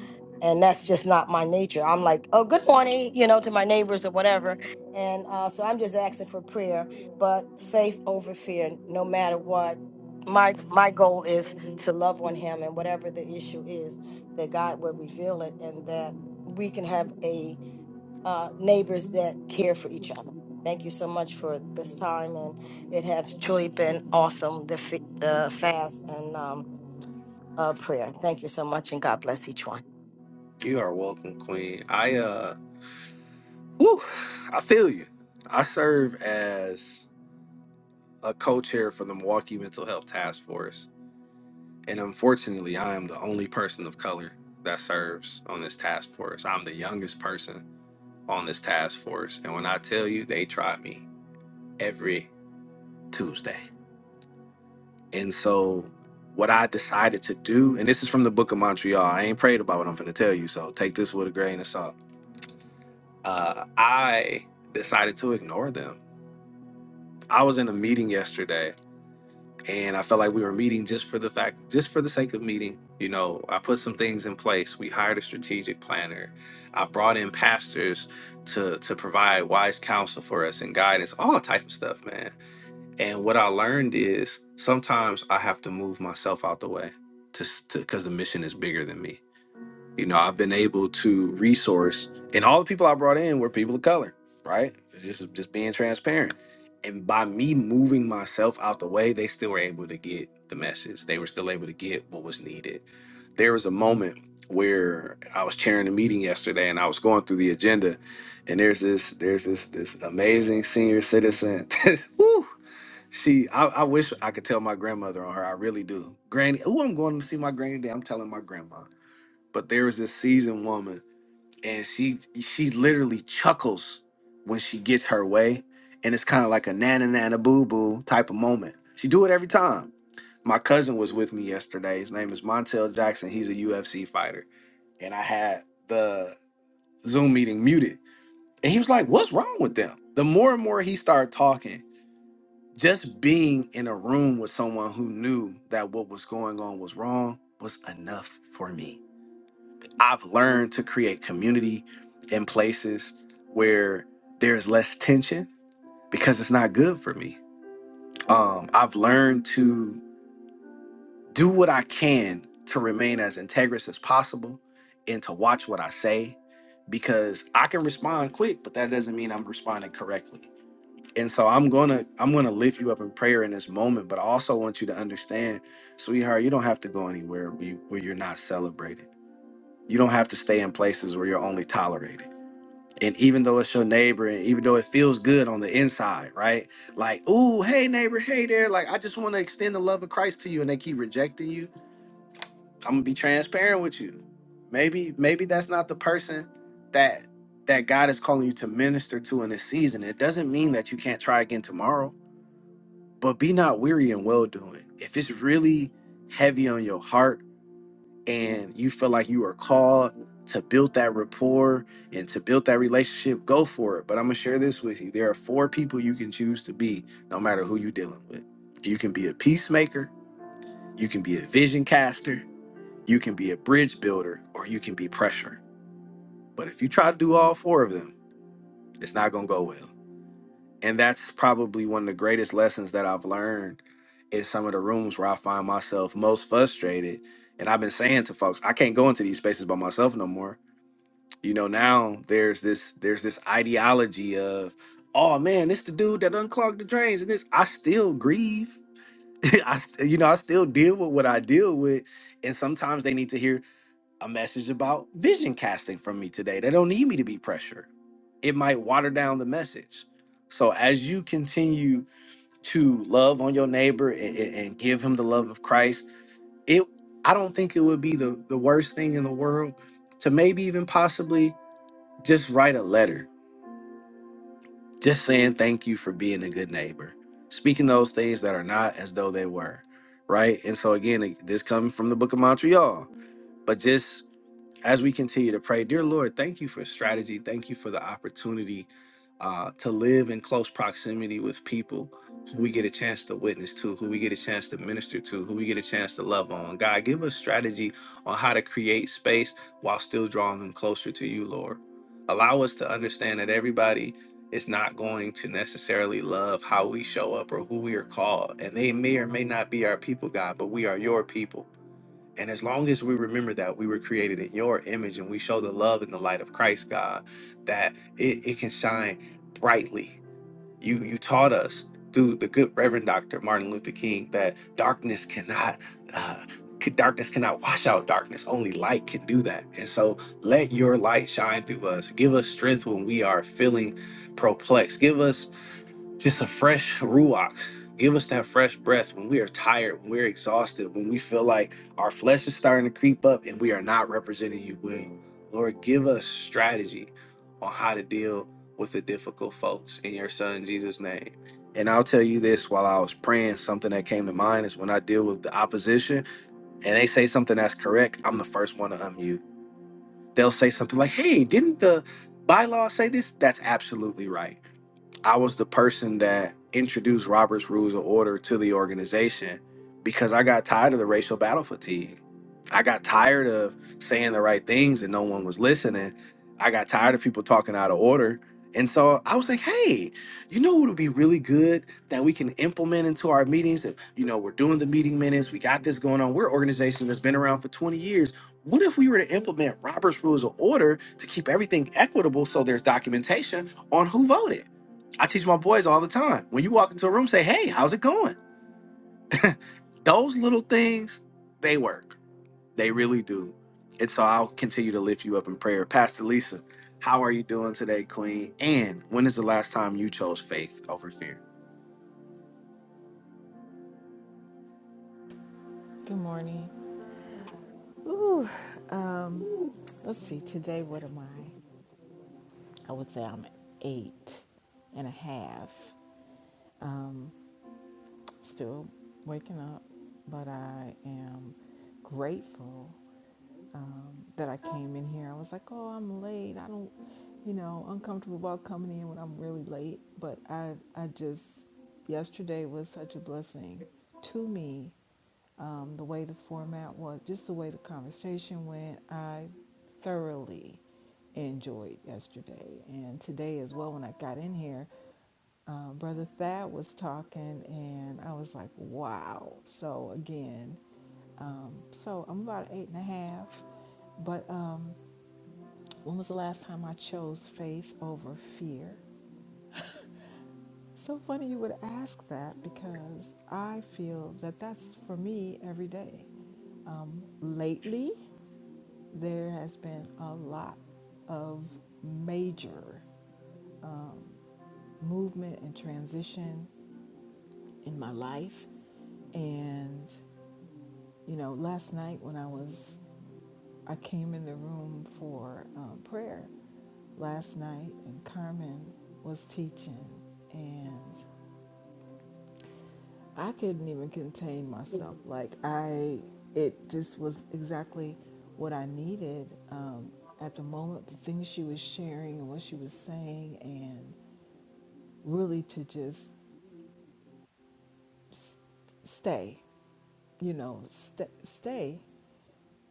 Speaker 9: And that's just not my nature. I'm like, oh, good morning, you know, to my neighbors or whatever. And uh, so I'm just asking for prayer, but faith over fear, no matter what. My my goal is to love on him, and whatever the issue is, that God will reveal it, and that we can have a uh, neighbors that care for each other. Thank you so much for this time, and it has truly been awesome the fi- the fast and um, uh, prayer. Thank you so much, and God bless each one.
Speaker 1: you are welcome, Queen. I uh, whew, I feel you. I serve as a co-chair for the Milwaukee Mental Health Task Force, And unfortunately, I am the only person of color that serves on this task force. I'm the youngest person on this task force. And when I tell you, they try me every Tuesday. And so, what I decided to do, and this is from the Book of Montreal, I ain't prayed about what I'm going to tell you. So, take this with a grain of salt. Uh, I decided to ignore them. I was in a meeting yesterday and I felt like we were meeting just for the fact, just for the sake of meeting. You know, I put some things in place. We hired a strategic planner. I brought in pastors to to provide wise counsel for us and guidance, all type of stuff, man. And what I learned is sometimes I have to move myself out the way, to because the mission is bigger than me you know i've been able to resource and all the people i brought in were people of color right It's just just being transparent and by me moving myself out the way they still were able to get the message they were still able to get what was needed there was a moment where i was chairing a meeting yesterday and i was going through the agenda and there's this there's this this amazing senior citizen Woo! she I, I wish i could tell my grandmother on her i really do granny oh i'm going to see my granny today i'm telling my grandma but there is this seasoned woman and she she literally chuckles when she gets her way and it's kind of like a nana nana boo boo type of moment she do it every time my cousin was with me yesterday his name is montel jackson he's a ufc fighter and i had the zoom meeting muted and he was like what's wrong with them the more and more he started talking just being in a room with someone who knew that what was going on was wrong was enough for me I've learned to create community in places where there's less tension because it's not good for me. Um, I've learned to do what I can to remain as integrous as possible and to watch what I say because I can respond quick, but that doesn't mean I'm responding correctly. And so I'm gonna I'm gonna lift you up in prayer in this moment, but I also want you to understand, sweetheart, you don't have to go anywhere where, you, where you're not celebrated. You don't have to stay in places where you're only tolerated And even though it's your neighbor, and even though it feels good on the inside, right? Like, ooh, hey neighbor, hey there. Like, I just want to extend the love of Christ to you, and they keep rejecting you. I'm gonna be transparent with you. Maybe, maybe that's not the person that that God is calling you to minister to in this season. It doesn't mean that you can't try again tomorrow, but be not weary in well doing. If it's really heavy on your heart and you feel like you are called to build that rapport and to build that relationship, go for it. But I'm gonna share this with you. There are four people you can choose to be, no matter who you're dealing with. You can be a peacemaker, you can be a vision caster, you can be a bridge builder, or you can be pressure. But if you try to do all four of them, it's not gonna go well. And that's probably one of the greatest lessons that I've learned in some of the rooms where I find myself most frustrated. And I've been saying to folks, I can't go into these spaces by myself no more you know now there's this there's this ideology of oh man this the dude that unclogged the drains and this i still grieve i st- you know i still deal with what i deal with and sometimes they need to hear a message about vision casting from me today they don't need me to be pressured it might water down the message so as you continue to love on your neighbor and, and and give him the love of christ it i don't think it would be the the worst thing in the world to maybe even possibly just write a letter just saying thank you for being a good neighbor speaking those things that are not as though they were right and so again this coming from the book of montreal but just as we continue to pray, dear Lord, thank you for strategy. Thank you for the opportunity uh, to live in close proximity with people who we get a chance to witness to, who we get a chance to minister to, who we get a chance to love on. God, give us strategy on how to create space while still drawing them closer to you, Lord. Allow us to understand that everybody is not going to necessarily love how we show up or who we are called. And they may or may not be our people, God, but we are your people. And as long as we remember that we were created in your image and we show the love and the light of Christ, God, that it, it can shine brightly. You you taught us through the good Reverend Dr. Martin Luther King that darkness cannot uh, c- darkness cannot wash out darkness. Only light can do that. And so let your light shine through us. Give us strength when we are feeling perplexed. Give us just a fresh ruach. Give us that fresh breath when we are tired, when we're exhausted, when we feel like our flesh is starting to creep up and we are not representing you well. Lord, give us strategy on how to deal with the difficult folks in your son Jesus' name. And I'll tell you this while I was praying, something that came to mind is when I deal with the opposition and they say something that's correct, I'm the first one to unmute. They'll say something like, hey, didn't the bylaws say this? That's absolutely right I was the person that introduced Robert's Rules of Order to the organization because I got tired of the racial battle fatigue. I got tired of saying the right things and no one was listening. I got tired of people talking out of order. And so I was like, hey, you know what would be really good that we can implement into our meetings? If, you know, we're doing the meeting minutes, we got this going on. We're an organization that's been around for 20 years. What if we were to implement Robert's Rules of Order to keep everything equitable so there's documentation on who voted? I teach my boys all the time. When you walk into a room, say, "Hey, how's it going?" Those little things, they work. They really do. And so I'll continue to lift you up in prayer. Pastor Lisa, how are you doing today, Queen? And when is the last time you chose faith over fear?
Speaker 10: Good morning. Ooh, um, let's see. Today, what am I? I would say I'm an eight and a half. Um, still waking up, but I am grateful um, that I came in here. I was like, oh, I'm late. I don't, you know, uncomfortable about coming in when I'm really late. But I, I just, yesterday was such a blessing to me. Um, the way the format was, just the way the conversation went, I thoroughly enjoyed yesterday and today as well. When I got in here, uh, Brother Thad was talking, and I was like, wow. So, again, um, so I'm about eight and a half. But um, when was the last time I chose faith over fear? So funny you would ask that because I feel that that's for me every day. Lately, there has been a lot of major movement and transition in my life. And, you know, last night when I was I came in the room for um, prayer last night, and Carmen was teaching, and I couldn't even contain myself. Like I, it just was exactly what I needed um, at the moment. The things she was sharing and what she was saying, and really to just s- stay, you know, st- stay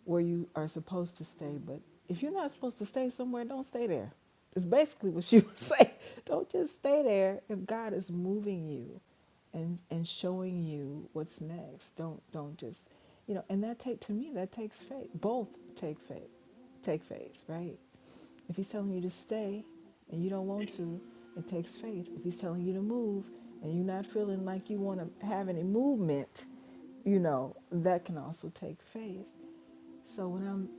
Speaker 10: where you are supposed to stay. But if you're not supposed to stay somewhere, don't stay there. It's basically what she was saying. Don't just stay there if God is moving you and and showing you what's next. Don't don't just you know, and that take to me that takes faith. Both take faith take faith, right? If he's telling you to stay and you don't want to, it takes faith. If he's telling you to move and you're not feeling like you want to have any movement, you know, that can also take faith. So when I'm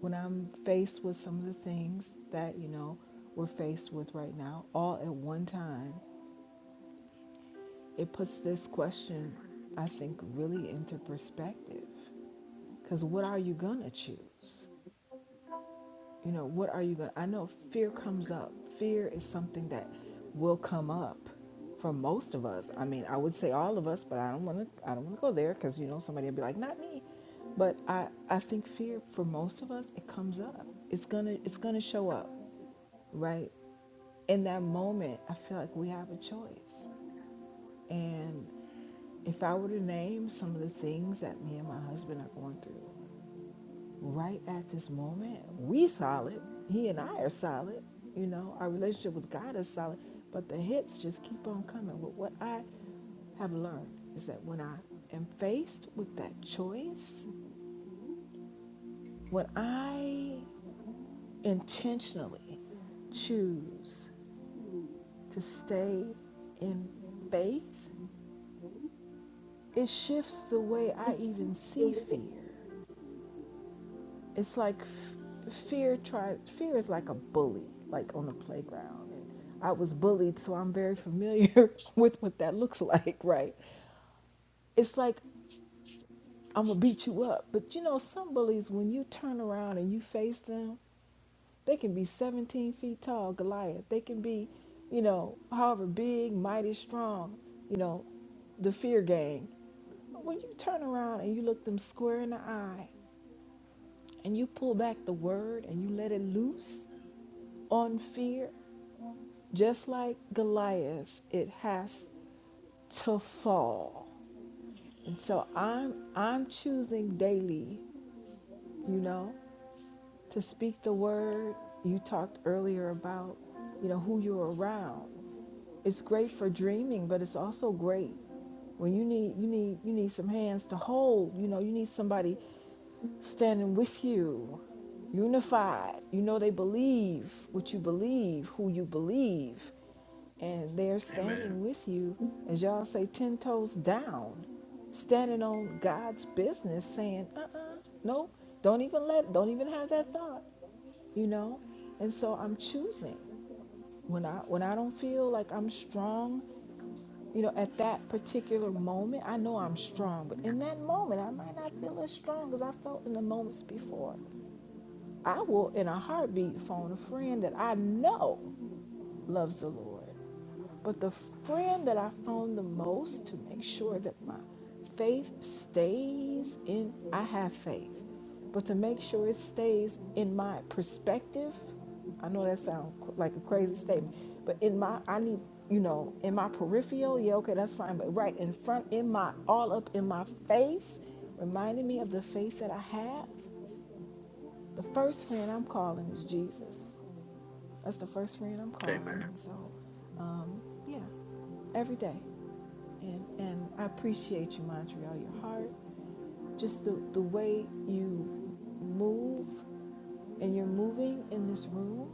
Speaker 10: when I'm faced with some of the things that, you know, we're faced with right now, all at one time, it puts this question, I think, really into perspective. Because what are you going to choose? You know, what are you going to? I know fear comes up. Fear is something that will come up for most of us. I mean, I would say all of us, but I don't want to I don't want to go there cuz you know somebody will be like, "Not me." But I I think fear for most of us, it comes up. It's going to it's going to show up, right? in that moment, I feel like we have a choice. And if I were to name some of the things that me and my husband are going through, right at this moment, we solid. He and I are solid. You know, our relationship with God is solid. But the hits just keep on coming. But what I have learned is that when I am faced with that choice, when I intentionally choose to stay in faith, it shifts the way I even see fear. it's like f- fear tries fear is like a bully like on the playground and i was bullied so i'm very familiar with what that looks like right it's like i'm gonna beat you up but you know some bullies when you turn around and you face them they can be 17 feet tall goliath they can be you know however big mighty strong you know the fear gang when you turn around and you look them square in the eye and you pull back the word and you let it loose on fear, just like Goliath, it has to fall. And so I'm I'm choosing daily, you know, to speak the word. You talked earlier about, you know, who you're around. It's great for dreaming, but it's also great when you need you need you need some hands to hold, you know, you need somebody standing with you, unified. You know they believe what you believe, who you believe and they're standing with you as y'all say 10 toes down standing on god's business saying uh-uh no don't even let don't even have that thought you know and so i'm choosing when i when i don't feel like i'm strong you know at that particular moment i know i'm strong but in that moment i might not feel as strong as i felt in the moments before i will in a heartbeat phone a friend that i know loves the lord but the friend that I found the most to make sure that my faith stays in, I have faith, but to make sure it stays in my perspective, I know that sounds like a crazy statement, but in my, I need, you know, in my peripheral, yeah, okay, that's fine, but right in front, in my, all up in my face, reminding me of the faith that I have. The first friend I'm calling is Jesus. That's the first friend I'm calling. And so, um, yeah, every day and and I appreciate you, Montreal. Your heart, just the the way you move and you're moving in this room,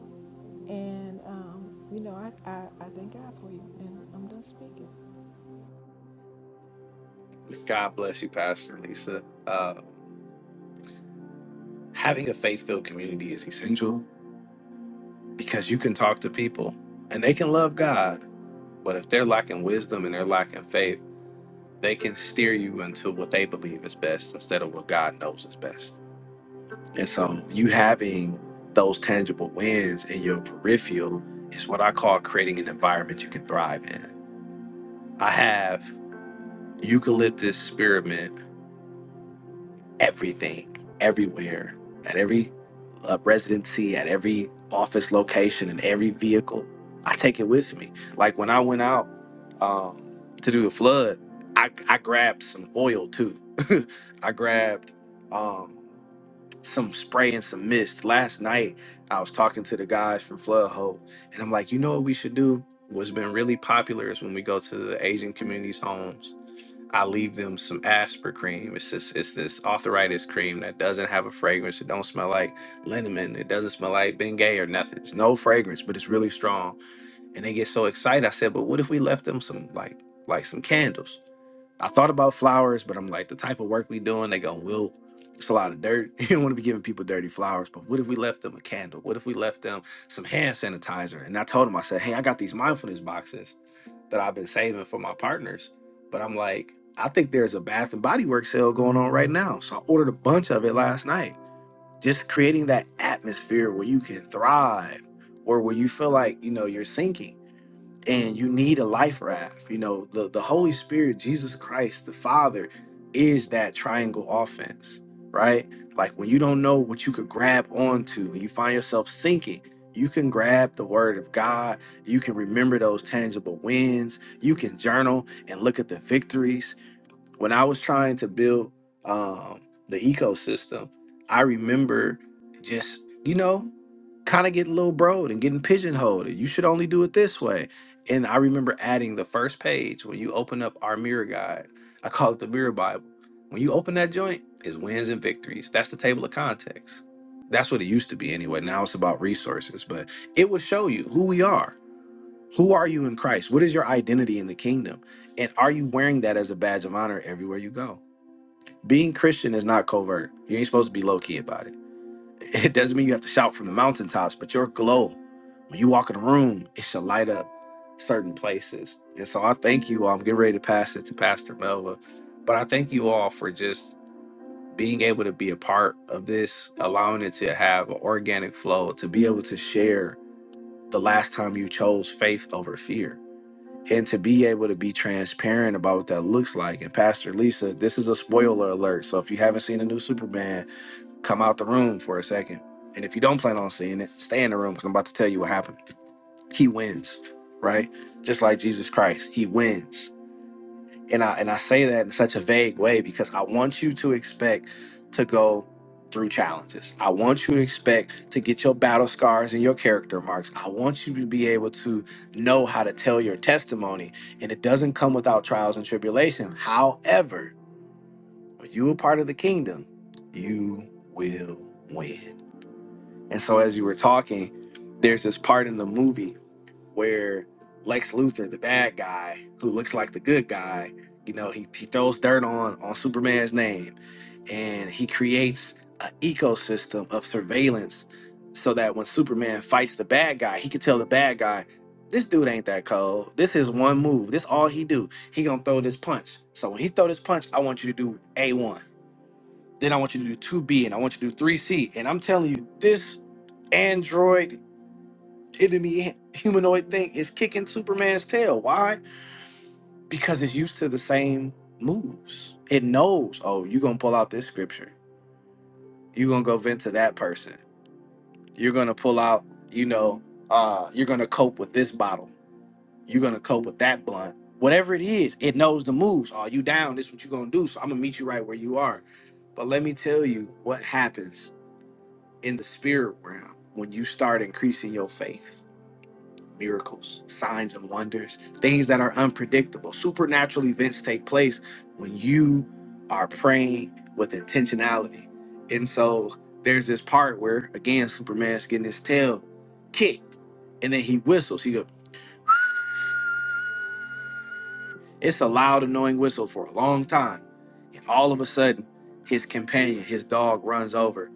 Speaker 10: and um, you know I, I I thank God for you, and I'm done speaking.
Speaker 1: God bless you, Pastor Lisa. Uh, having a faith filled community is essential because you can talk to people and they can love God. But if they're lacking wisdom and they're lacking faith, they can steer you into what they believe is best instead of what God knows is best. And so you having those tangible wins in your peripheral is what I call creating an environment you can thrive in. I have eucalyptus spearmint everything, everywhere, at every uh, residency, at every office location, in every vehicle. I take it with me. Like when I went out um, to do the flood, I, I grabbed some oil too. I grabbed. um, some spray and some mist. Last night, I was talking to the guys from Flood Hope, and I'm like, you know what we should do? What's been really popular is when we go to the Asian communities' homes, I leave them some Asper cream. It's this, it's this arthritis cream that doesn't have a fragrance. It don't smell like liniment. It doesn't smell like Bengay or nothing. It's no fragrance, but it's really strong. And they get so excited. I said, but what if we left them some like like some candles? I thought about flowers, but I'm like, the type of work we doing, they gonna will. It's a lot of dirt. You don't want to be giving people dirty flowers. But what if we left them a candle? What if we left them some hand sanitizer? And I told them, I said, hey, I got these mindfulness boxes that I've been saving for my partners. But I'm like, I think there's a Bath and Body Works sale going on right now. So I ordered a bunch of it last night. Just creating that atmosphere where you can thrive or where you feel like, you know, you're sinking and you need a life raft. You know, the, the Holy Spirit, Jesus Christ, the Father is that triangle offense, right? Like when you don't know what you could grab onto and you find yourself sinking, you can grab the word of God. You can remember those tangible wins. You can journal and look at the victories when I was trying to build um, the ecosystem, I remember just, you know, kind of getting little broed and getting pigeonholed. And you should only do it this way. And I remember adding the first page when you open up our mirror guide. I call it the mirror Bible. When you open that joint, is wins and victories. That's the table of context. That's what it used to be anyway. Now it's about resources, but it will show you who we are. Who are you in Christ? What is your identity in the kingdom? And are you wearing that as a badge of honor everywhere you go? Being Christian is not covert. You ain't supposed to be low key about it. It doesn't mean you have to shout from the mountaintops, but your glow, when you walk in a room, it should light up certain places. And so I thank you all. I'm getting ready to pass it to Pastor Melva, but I thank you all for just being able to be a part of this, allowing it to have an organic flow, to be able to share the last time you chose faith over fear and to be able to be transparent about what that looks like. And Pastor Lisa, this is a spoiler alert. So if you haven't seen the new Superman, come out the room for a second. And if you don't plan on seeing it, stay in the room because I'm about to tell you what happened. He wins, right? Just like Jesus Christ, he wins and I and I say that in such a vague way because I want you to expect to go through challenges. I want you to expect to get your battle scars and your character marks. I want you to be able to know how to tell your testimony, and it doesn't come without trials and tribulation. However, when you are part of the kingdom, you will win. And so, as you were talking, there's this part in the movie where Lex Luthor, the bad guy who looks like the good guy, you know, he, he throws dirt on on Superman's name and he creates an ecosystem of surveillance so that when Superman fights the bad guy, he can tell the bad guy, this dude ain't that cold. This is one move. This all he do. He gonna throw this punch. So when he throw this punch, I want you to do A one. Then I want you to do two B, and I want you to do three C. And I'm telling you, this android enemy humanoid thing is kicking Superman's tail. Why? Because it's used to the same moves. It knows, oh, you're gonna pull out this scripture. You're gonna go vent to that person. You're gonna pull out, you know, uh, you're gonna cope with this bottle. You're gonna cope with that blunt. Whatever it is, it knows the moves. Are you down? This is what you're gonna do. So I'm gonna meet you right where you are. But let me tell you what happens in the spirit realm when you start increasing your faith miracles, signs, and wonders, things that are unpredictable. Supernatural events take place when you are praying with intentionality. And so there's this part where, again, Superman's getting his tail kicked and then he whistles. He goes, It's a loud, annoying whistle for a long time. And all of a sudden, his companion, his dog, runs over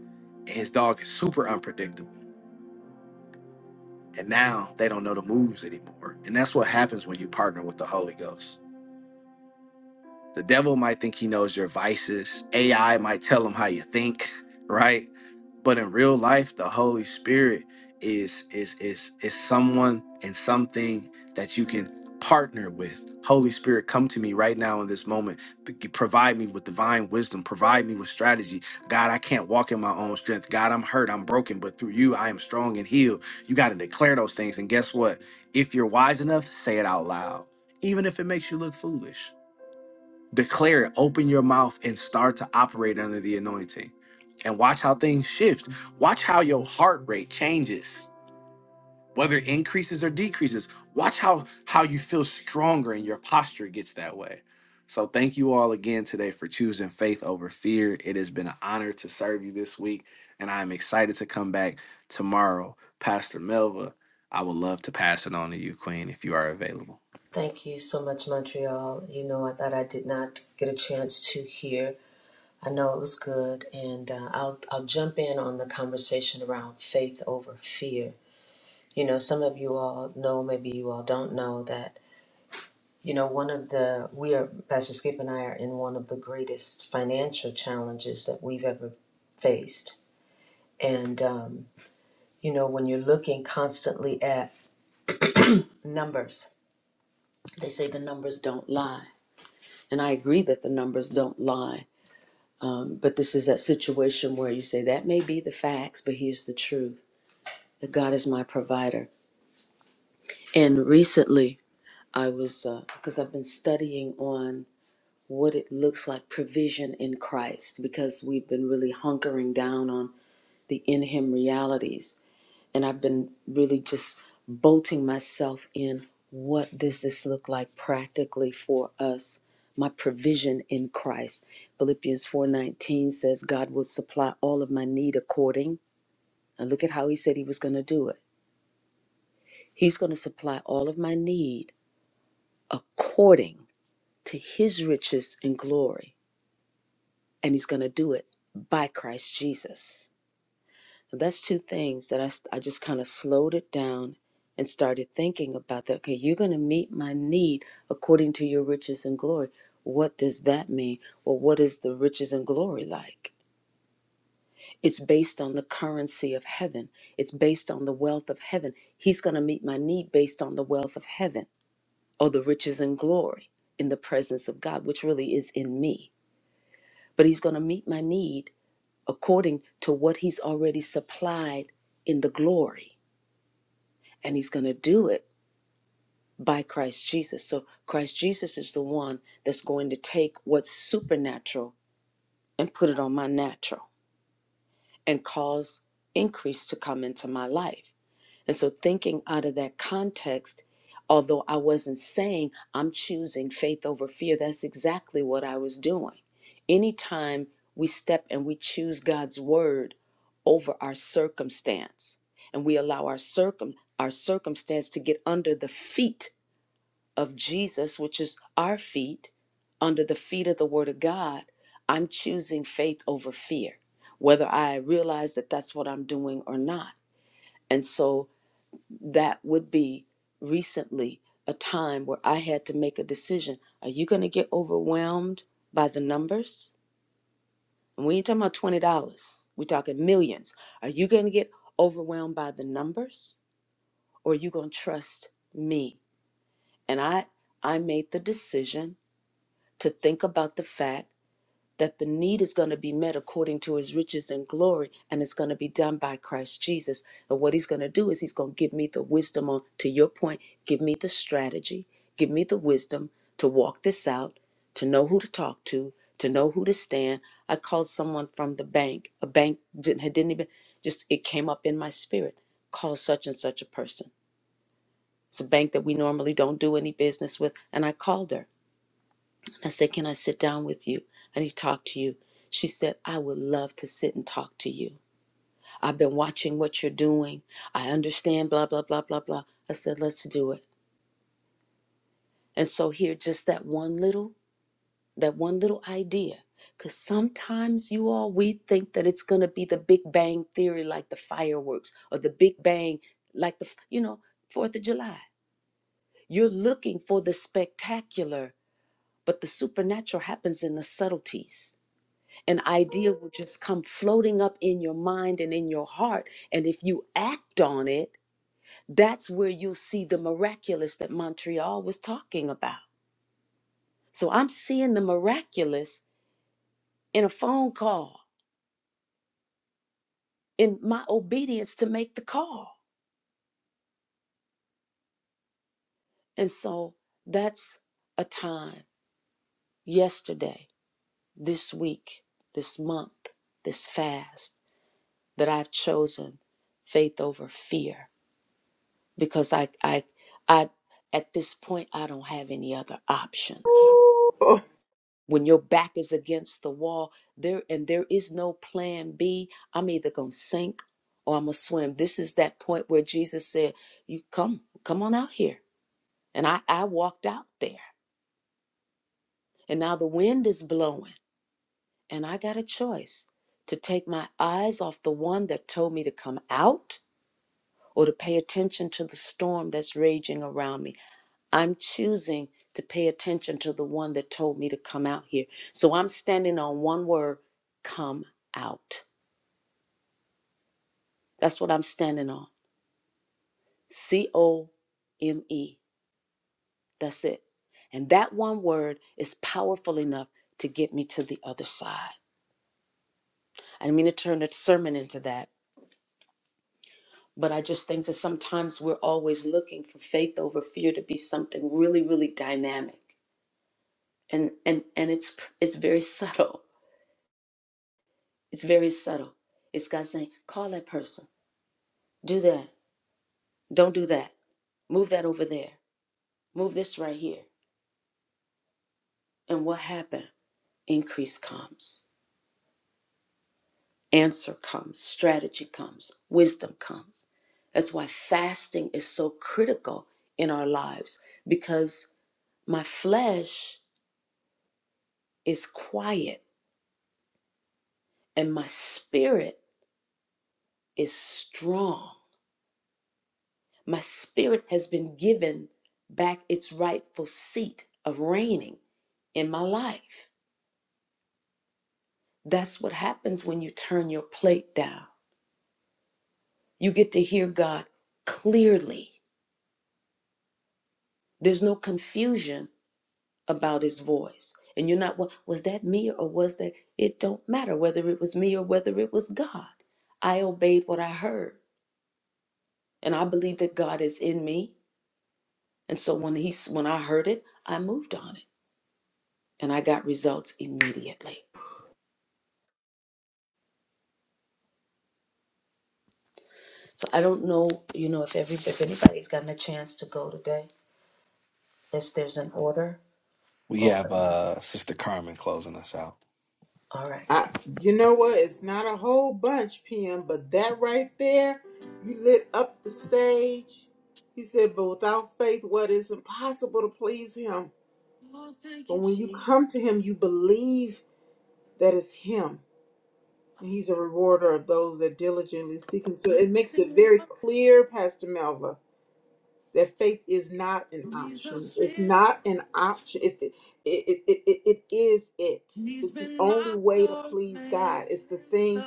Speaker 1: and his dog is super unpredictable. And now they don't know the moves anymore. And that's what happens when you partner with the Holy Ghost The devil might think he knows your vices. AI might tell him how you think, right? But in real life, the Holy Spirit is is is is someone and something that you can partner with. Holy Spirit, come to me right now in this moment. P- Provide me with divine wisdom. Provide me with strategy. God, I can't walk in my own strength. God, I'm hurt. I'm broken. But through you, I am strong and healed. You got to declare those things. And guess what? If you're wise enough, say it out loud, even if it makes you look foolish declare it open your mouth and start to operate under the anointing and watch how things shift watch how your heart rate changes whether it increases or decreases watch how how you feel stronger and your posture gets that way so thank you all again today for choosing faith over fear it has been an honor to serve you this week and i am excited to come back tomorrow pastor melva i would love to pass it on to you queen if you are available
Speaker 11: Thank you so much, Montreal. You know, I thought I did not get a chance to hear. I know it was good, and uh, I'll I'll jump in on the conversation around faith over fear. You know, some of you all know, maybe you all don't know that. You know, one of the we are Pastor Skip and I are in one of the greatest financial challenges that we've ever faced, and um, you know, when you're looking constantly at numbers, they say the numbers don't lie, and I agree that the numbers don't lie Um, But this is that situation where you say, that may be the facts, but here's the truth that God is my provider. And recently, I was, because I've been studying on what it looks like provision in Christ, because we've been really hunkering down on the in Him realities. and I've been really just bolting myself in what does this look like practically for us my provision in Christ Philippians 4:19 says God will supply all of my need according and look at how he said he was going to do it he's going to supply all of my need according to his riches and glory and he's going to do it by Christ Jesus And that's two things that I I just kind of slowed it down and started thinking about that. Okay, you're going to meet my need according to your riches and glory. What does that mean? Well, what is the riches and glory like? It's based on the currency of heaven, it's based on the wealth of heaven. He's going to meet my need based on the wealth of heaven or the riches and glory in the presence of God, which really is in me. But He's going to meet my need according to what He's already supplied in the glory. and he's going to do it by Christ Jesus. So Christ Jesus is the one that's going to take what's supernatural and put it on my natural and cause increase to come into my life. And so, thinking out of that context, although I wasn't saying I'm choosing faith over fear, that's exactly what I was doing. Anytime we step and we choose God's word over our circumstance, and we allow our circum our circumstance to get under the feet of Jesus, which is our feet, under the feet of the Word of God, I'm choosing faith over fear, whether I realize that that's what I'm doing or not. And so that would be recently a time where I had to make a decision. Are you going to get overwhelmed by the numbers? And we ain't talking about $20, we're talking millions. Are you going to get overwhelmed by the numbers or are you going to trust me? And I, I made the decision to think about the fact that the need is going to be met according to his riches and glory, and it's going to be done by Christ Jesus. And what he's going to do is he's going to give me the wisdom on, to your point, give me the strategy, give me the wisdom to walk this out, to know who to talk to, to know who to stand. I called someone from the bank, a bank didn't, had- didn't even, just it came up in my spirit. Call such and such a person. It's a bank that we normally don't do any business with. And I called her I said, Can I sit down with you? I need to talk to you. She said, I would love to sit and talk to you. I've been watching what you're doing. I understand, blah, blah, blah, blah, blah. I said, Let's do it. And so here, just that one little, that one little idea. Because sometimes you all, we think that it's going to be the Big Bang Theory, like the fireworks, or the Big Bang, like the, you know, Fourth of July. You're looking for the spectacular, but the supernatural happens in the subtleties An idea will just come floating up in your mind and in your heart. And if you act on it, that's where you'll see the miraculous that Montreal was talking about. So I'm seeing the miraculous in a phone call, in my obedience to make the call. And so that's a time yesterday, this week, this month, this fast that I've chosen faith over fear because I, I, I, at this point, I don't have any other options. When your back is against the wall, there and there is no plan B. I'm either gonna sink or I'm gonna swim. This is that point where Jesus said, "You come, come on out here," and I, I walked out there, and now the wind is blowing, and I got a choice to take my eyes off the one that told me to come out, or to pay attention to the storm that's raging around me I'm choosing to pay attention to the one that told me to come out here. So I'm standing on one word come out. That's what I'm standing on. C O M E. That's it. And that one word is powerful enough to get me to the other side. I didn't mean to turn the sermon into that, but I just think that sometimes we're always looking for faith over fear to be something really, really dynamic. And and and it's it's very subtle It's very subtle. It's God saying, call that person, do that, don't do that, move that over there, move this right here. And what happened? Increase comes, answer comes, strategy comes, wisdom comes. That's why fasting is so critical in our lives because my flesh is quiet and my spirit is strong. My spirit has been given back its rightful seat of reigning in my life. That's what happens when you turn your plate down. You get to hear God clearly. There's no confusion about his voice. And you're not, well, was that me or was that? It don't matter whether it was me or whether it was God. I obeyed what I heard. And I believe that God is in me. And so when he when I heard it, I moved on it. And I got results immediately. So I don't know, you know, if every if anybody's gotten a chance to go today, if there's an order
Speaker 1: we
Speaker 11: or
Speaker 1: have
Speaker 11: whatnot.
Speaker 1: uh sister carmen closing us out
Speaker 11: All right.
Speaker 2: I, you know what? It's not a whole bunch, PM, but that right there, you lit up the stage. He said, But without faith, what is impossible to please him? But when you come to him, you believe that it's him. And he's a rewarder of those that diligently seek him. So it makes it very clear, Pastor Melva, that faith is not an option. It's not an option. It's, it, it, it, it, it is it. It's the only way to please God. It's the thing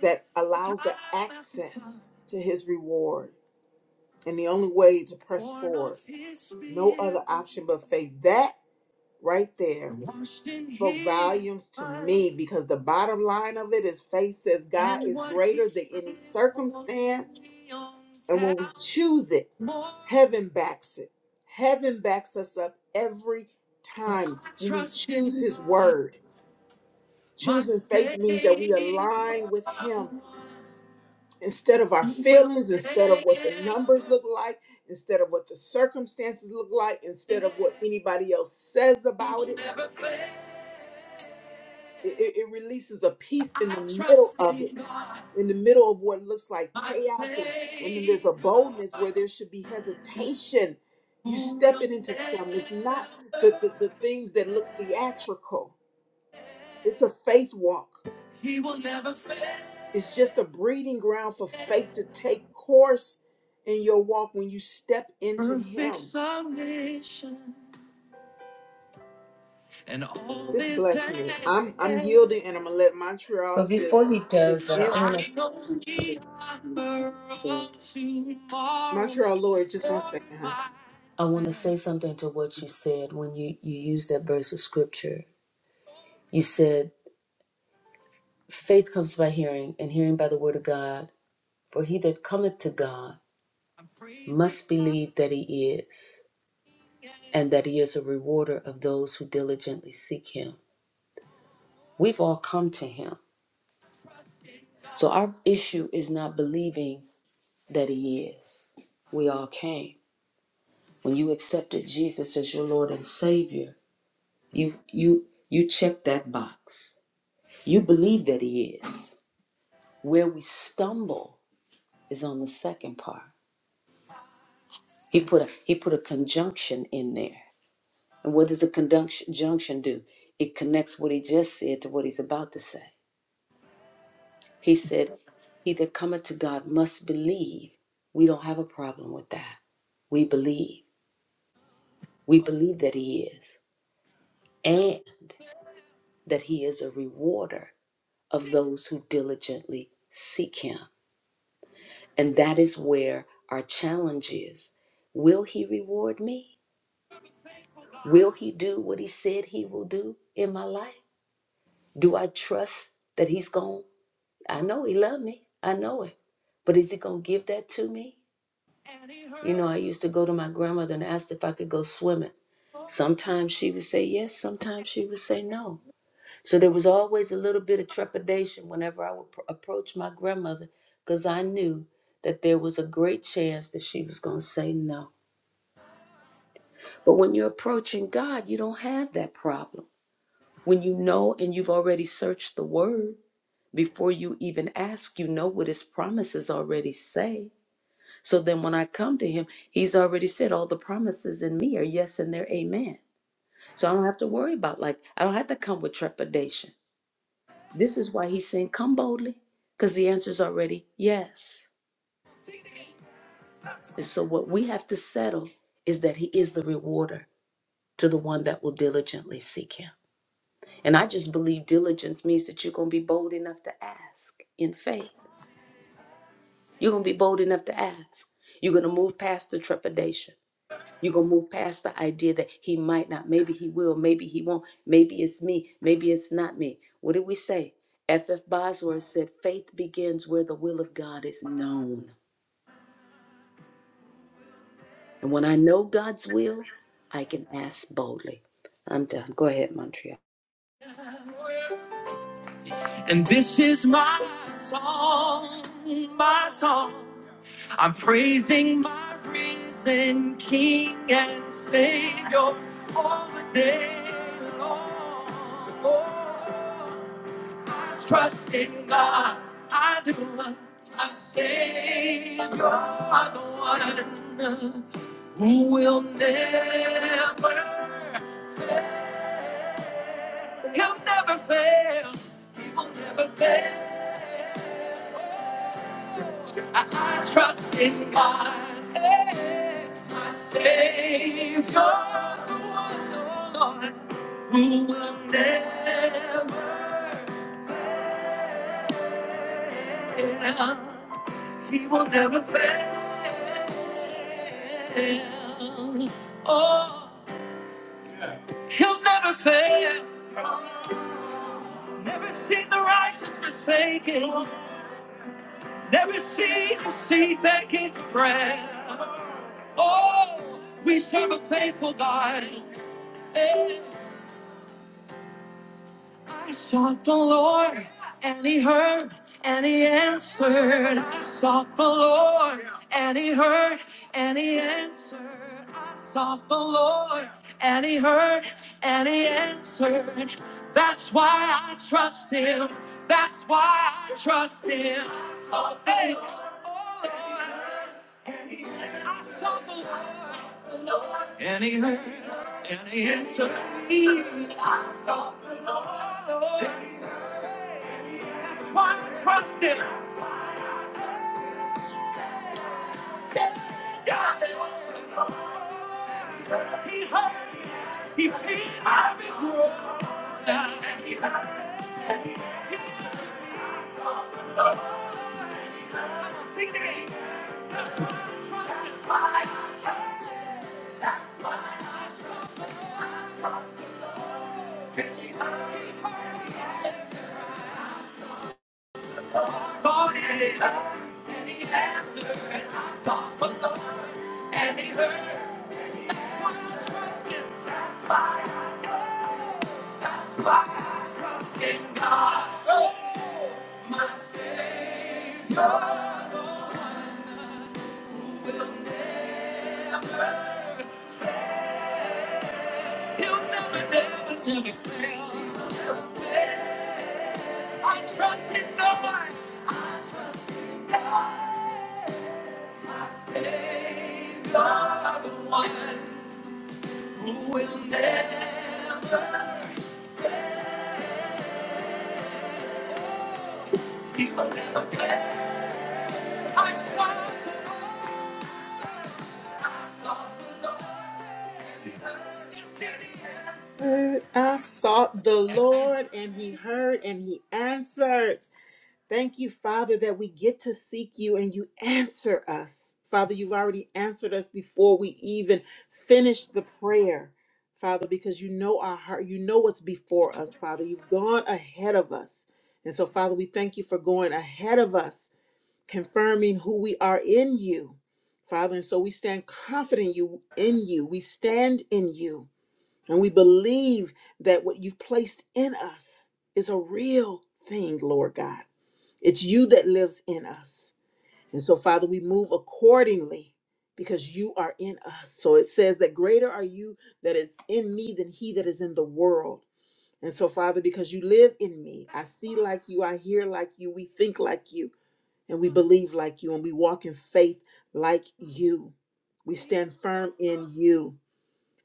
Speaker 2: that allows the access to his reward and the only way to press forward. No other option but faith. That right there spoke volumes to me because the bottom line of it is faith says God is greater than any circumstance. And when we choose it, heaven backs it. Heaven backs us up every time when we choose his word. Choosing faith
Speaker 1: Stay,
Speaker 2: means that we
Speaker 1: you
Speaker 2: align with
Speaker 1: are the
Speaker 2: him
Speaker 1: one
Speaker 2: instead of our
Speaker 1: who will
Speaker 2: feelings, instead
Speaker 1: never,
Speaker 2: of what the numbers look like, instead of what the circumstances look like, instead of what anybody else says
Speaker 1: you
Speaker 2: about
Speaker 1: will
Speaker 2: it.
Speaker 1: never fail.
Speaker 2: It, it- it releases a peace in
Speaker 1: I
Speaker 2: the middle
Speaker 1: trust
Speaker 2: of
Speaker 1: in
Speaker 2: it,
Speaker 1: God,
Speaker 2: in the middle of what looks like
Speaker 1: my
Speaker 2: chaos. And, and then there's a
Speaker 1: Savior,
Speaker 2: boldness where there should be hesitation. You
Speaker 1: who will
Speaker 2: stepping into some.
Speaker 1: never,
Speaker 2: It's not the, the, the things that look theatrical, it's a faith walk. It's just a breeding ground for faith to take course in your walk when you step into Him. This blessed me. I'm I'm yielding, and I'm gonna let
Speaker 11: But
Speaker 2: Montreal
Speaker 11: before
Speaker 2: just
Speaker 11: he does
Speaker 2: just
Speaker 11: that, I
Speaker 2: in
Speaker 11: want to say something to something that you said.
Speaker 2: Montreal, Lord, just one second, huh?
Speaker 11: I want to say something to what you said when you you used that verse of scripture. You said faith comes by hearing, and hearing by the word of God. For he that cometh to God must believe that he is, and that he is a rewarder of those who diligently seek him. We've all come to him. So our issue is not believing that He is. We all came. When you accepted Jesus as your Lord and Savior, you you you checked that box. You believe that He is. Where we stumble is on the second part. He put a he put a conjunction in there. And what does a conjunction junction do? It connects what he just said to what he's about to say. He said, He that cometh to God must believe. We don't have a problem with that. We believe. We believe that He is, and that He is a rewarder of those who diligently seek Him. And that is where our challenge is. Will He reward me? Will
Speaker 1: forget.
Speaker 11: He do what He said He will do in my life? Do I trust that He's going? I know He loved me. I know it. But is He going to give that to me?
Speaker 1: and He
Speaker 11: You know,
Speaker 1: heard.
Speaker 11: I used to go to my grandmother and ask if I could go swimming.
Speaker 1: Lord,
Speaker 11: Sometimes she would say yes, sometimes she would say no. So there was always a little bit of trepidation whenever I would pr- approach my grandmother because I knew that there was a great chance that she was going to say no. But when you're approaching God, you don't have that problem. When you know and you've already searched the word before you even ask, you know what his promises already say. So then when I come to him, he's already said all the promises in me are yes and they're amen. So I don't have to worry about like I don't have to come with trepidation This is why he's saying, Come boldly, because the answer is already yes. And so, what we have to settle is that he is the rewarder to the one that will diligently seek him. And I just believe diligence means that you're going to be bold enough to ask in faith. You're going to be bold enough to ask. You're going to move past the trepidation. You're going to move past the idea that he might not, maybe he will, maybe he won't, maybe it's me, maybe it's not me. What did we say? F. F. Bosworth said, faith begins where the will of God is known. And when I know God's will, I can ask boldly. I'm done. Go ahead, Montreal.
Speaker 1: And this is my song, my song. I'm praising my risen King and Savior all the day long. Oh, I trust in God, I do. My Savior, the one who will never, he'll never fail, he will never fail. I trust in God, eh, my Savior, the one, oh Lord, who will never fail. Never seen the righteous forsaken. He will see that bread. Sought the Lord, and he heard, and answered. Lord, and he heard, and he answered. I Sought and he answered.
Speaker 2: Heard, I sought the Lord, and He heard, and He answered. Thank you, Father, that we get to seek you and you answer us. Father, you've already answered us before we even finish the prayer, Father, because you know our heart. You know what's before us, Father. You've gone ahead of us. And so, Father, we thank you for going ahead of us, confirming who we are in you, Father. And so we stand confident you in you. We stand in you. And we believe that what you've placed in us is a real thing, Lord God. It's you that lives in us. And so, Father, we move accordingly because you are in us. So it says that greater are you that is in me than he that is in the world. And so, Father, because you live in me, I see like you, I hear like you, we think like you, and we believe like you, and we walk in faith like you. We stand firm in you.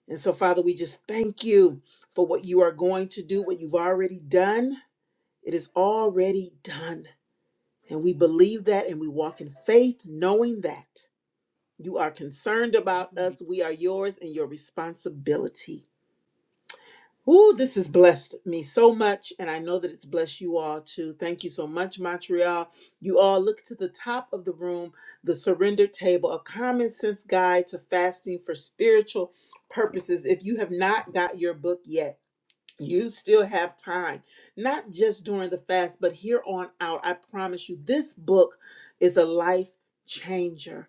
Speaker 2: And so, Father, we just thank you for what you are going to do, what you've already done. It is already done. And we believe that and we walk in faith, knowing that you are concerned about us. We are yours and your responsibility. Ooh, this has blessed me so much, and I know that it's blessed you all too. Thank you so much, Montreal. You all look to the top of the room, the surrender table, a common sense guide to fasting for spiritual purposes. If you have not got your book yet, you still have time not just during the fast but here on out i promise you this book is a life changer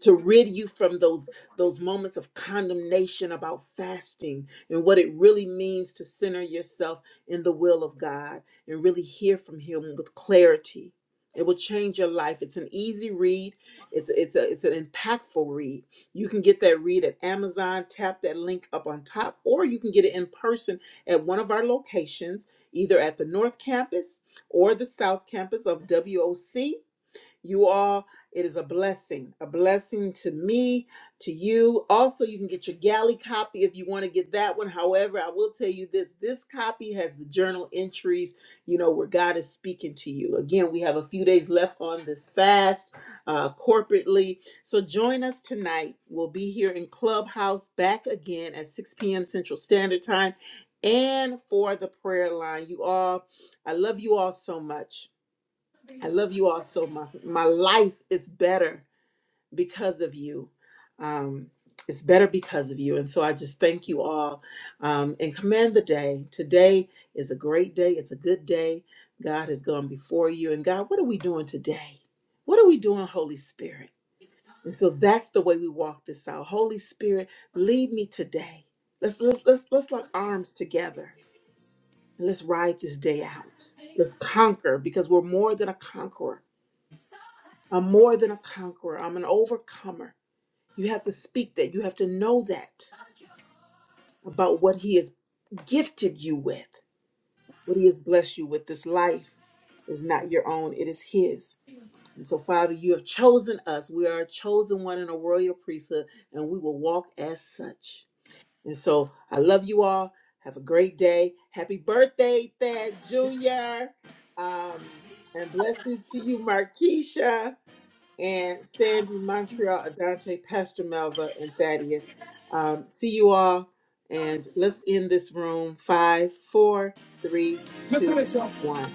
Speaker 2: to rid you from those those moments of condemnation about fasting and what it really means to center yourself in the will of God and really hear from him with clarity. It will change your life. It's an easy read. It's it's a it's an impactful read. You can get that read at Amazon, tap that link up on top, or you can get it in person at one of our locations, either at the North Campus or the South Campus of WOC you all, it is a blessing, a blessing to me, to you. Also, you can get your galley copy if you want to get that one. However, I will tell you this this copy has the journal entries, you know, where God is speaking to you. Again, we have a few days left on this fast uh, corporately. So join us tonight. We'll be here in Clubhouse back again at 6 p.m. Central Standard Time and for the prayer line. You all, I love you all so much. I love you all so much. My life is better because of you. Um, it's better because of you. And so I just thank you all um, and command the day. Today is a great day. It's a good day. God has gone before you. And God, what are we doing today? What are we doing, Holy Spirit? And so that's the way we walk this out. Holy Spirit, lead me today. Let's let's let's let's lock arms together and let's ride this day out. Let's conquer because we're more than a conqueror. I'm more than a conqueror. I'm an overcomer. You have to speak that. You have to know that about what He has gifted you with, what He has blessed you with. This life is not your own, it is His. And so, Father, you have chosen us. We are a chosen one in a royal priesthood, and we will walk as such. And so, I love you all. Have a great day. Happy birthday, Thad Jr. Um, and blessings to you, Markeisha and Sandy Montreal, Adante, Pastor Melva, and Thaddeus. Um, see you all, and let's end this room. Five, four, three, two, one.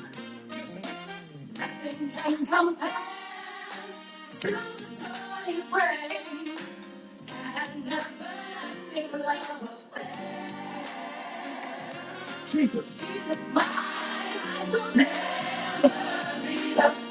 Speaker 1: Nothing can compare to the joy it brings. And never seen love affair. Jesus, my life will never be the same.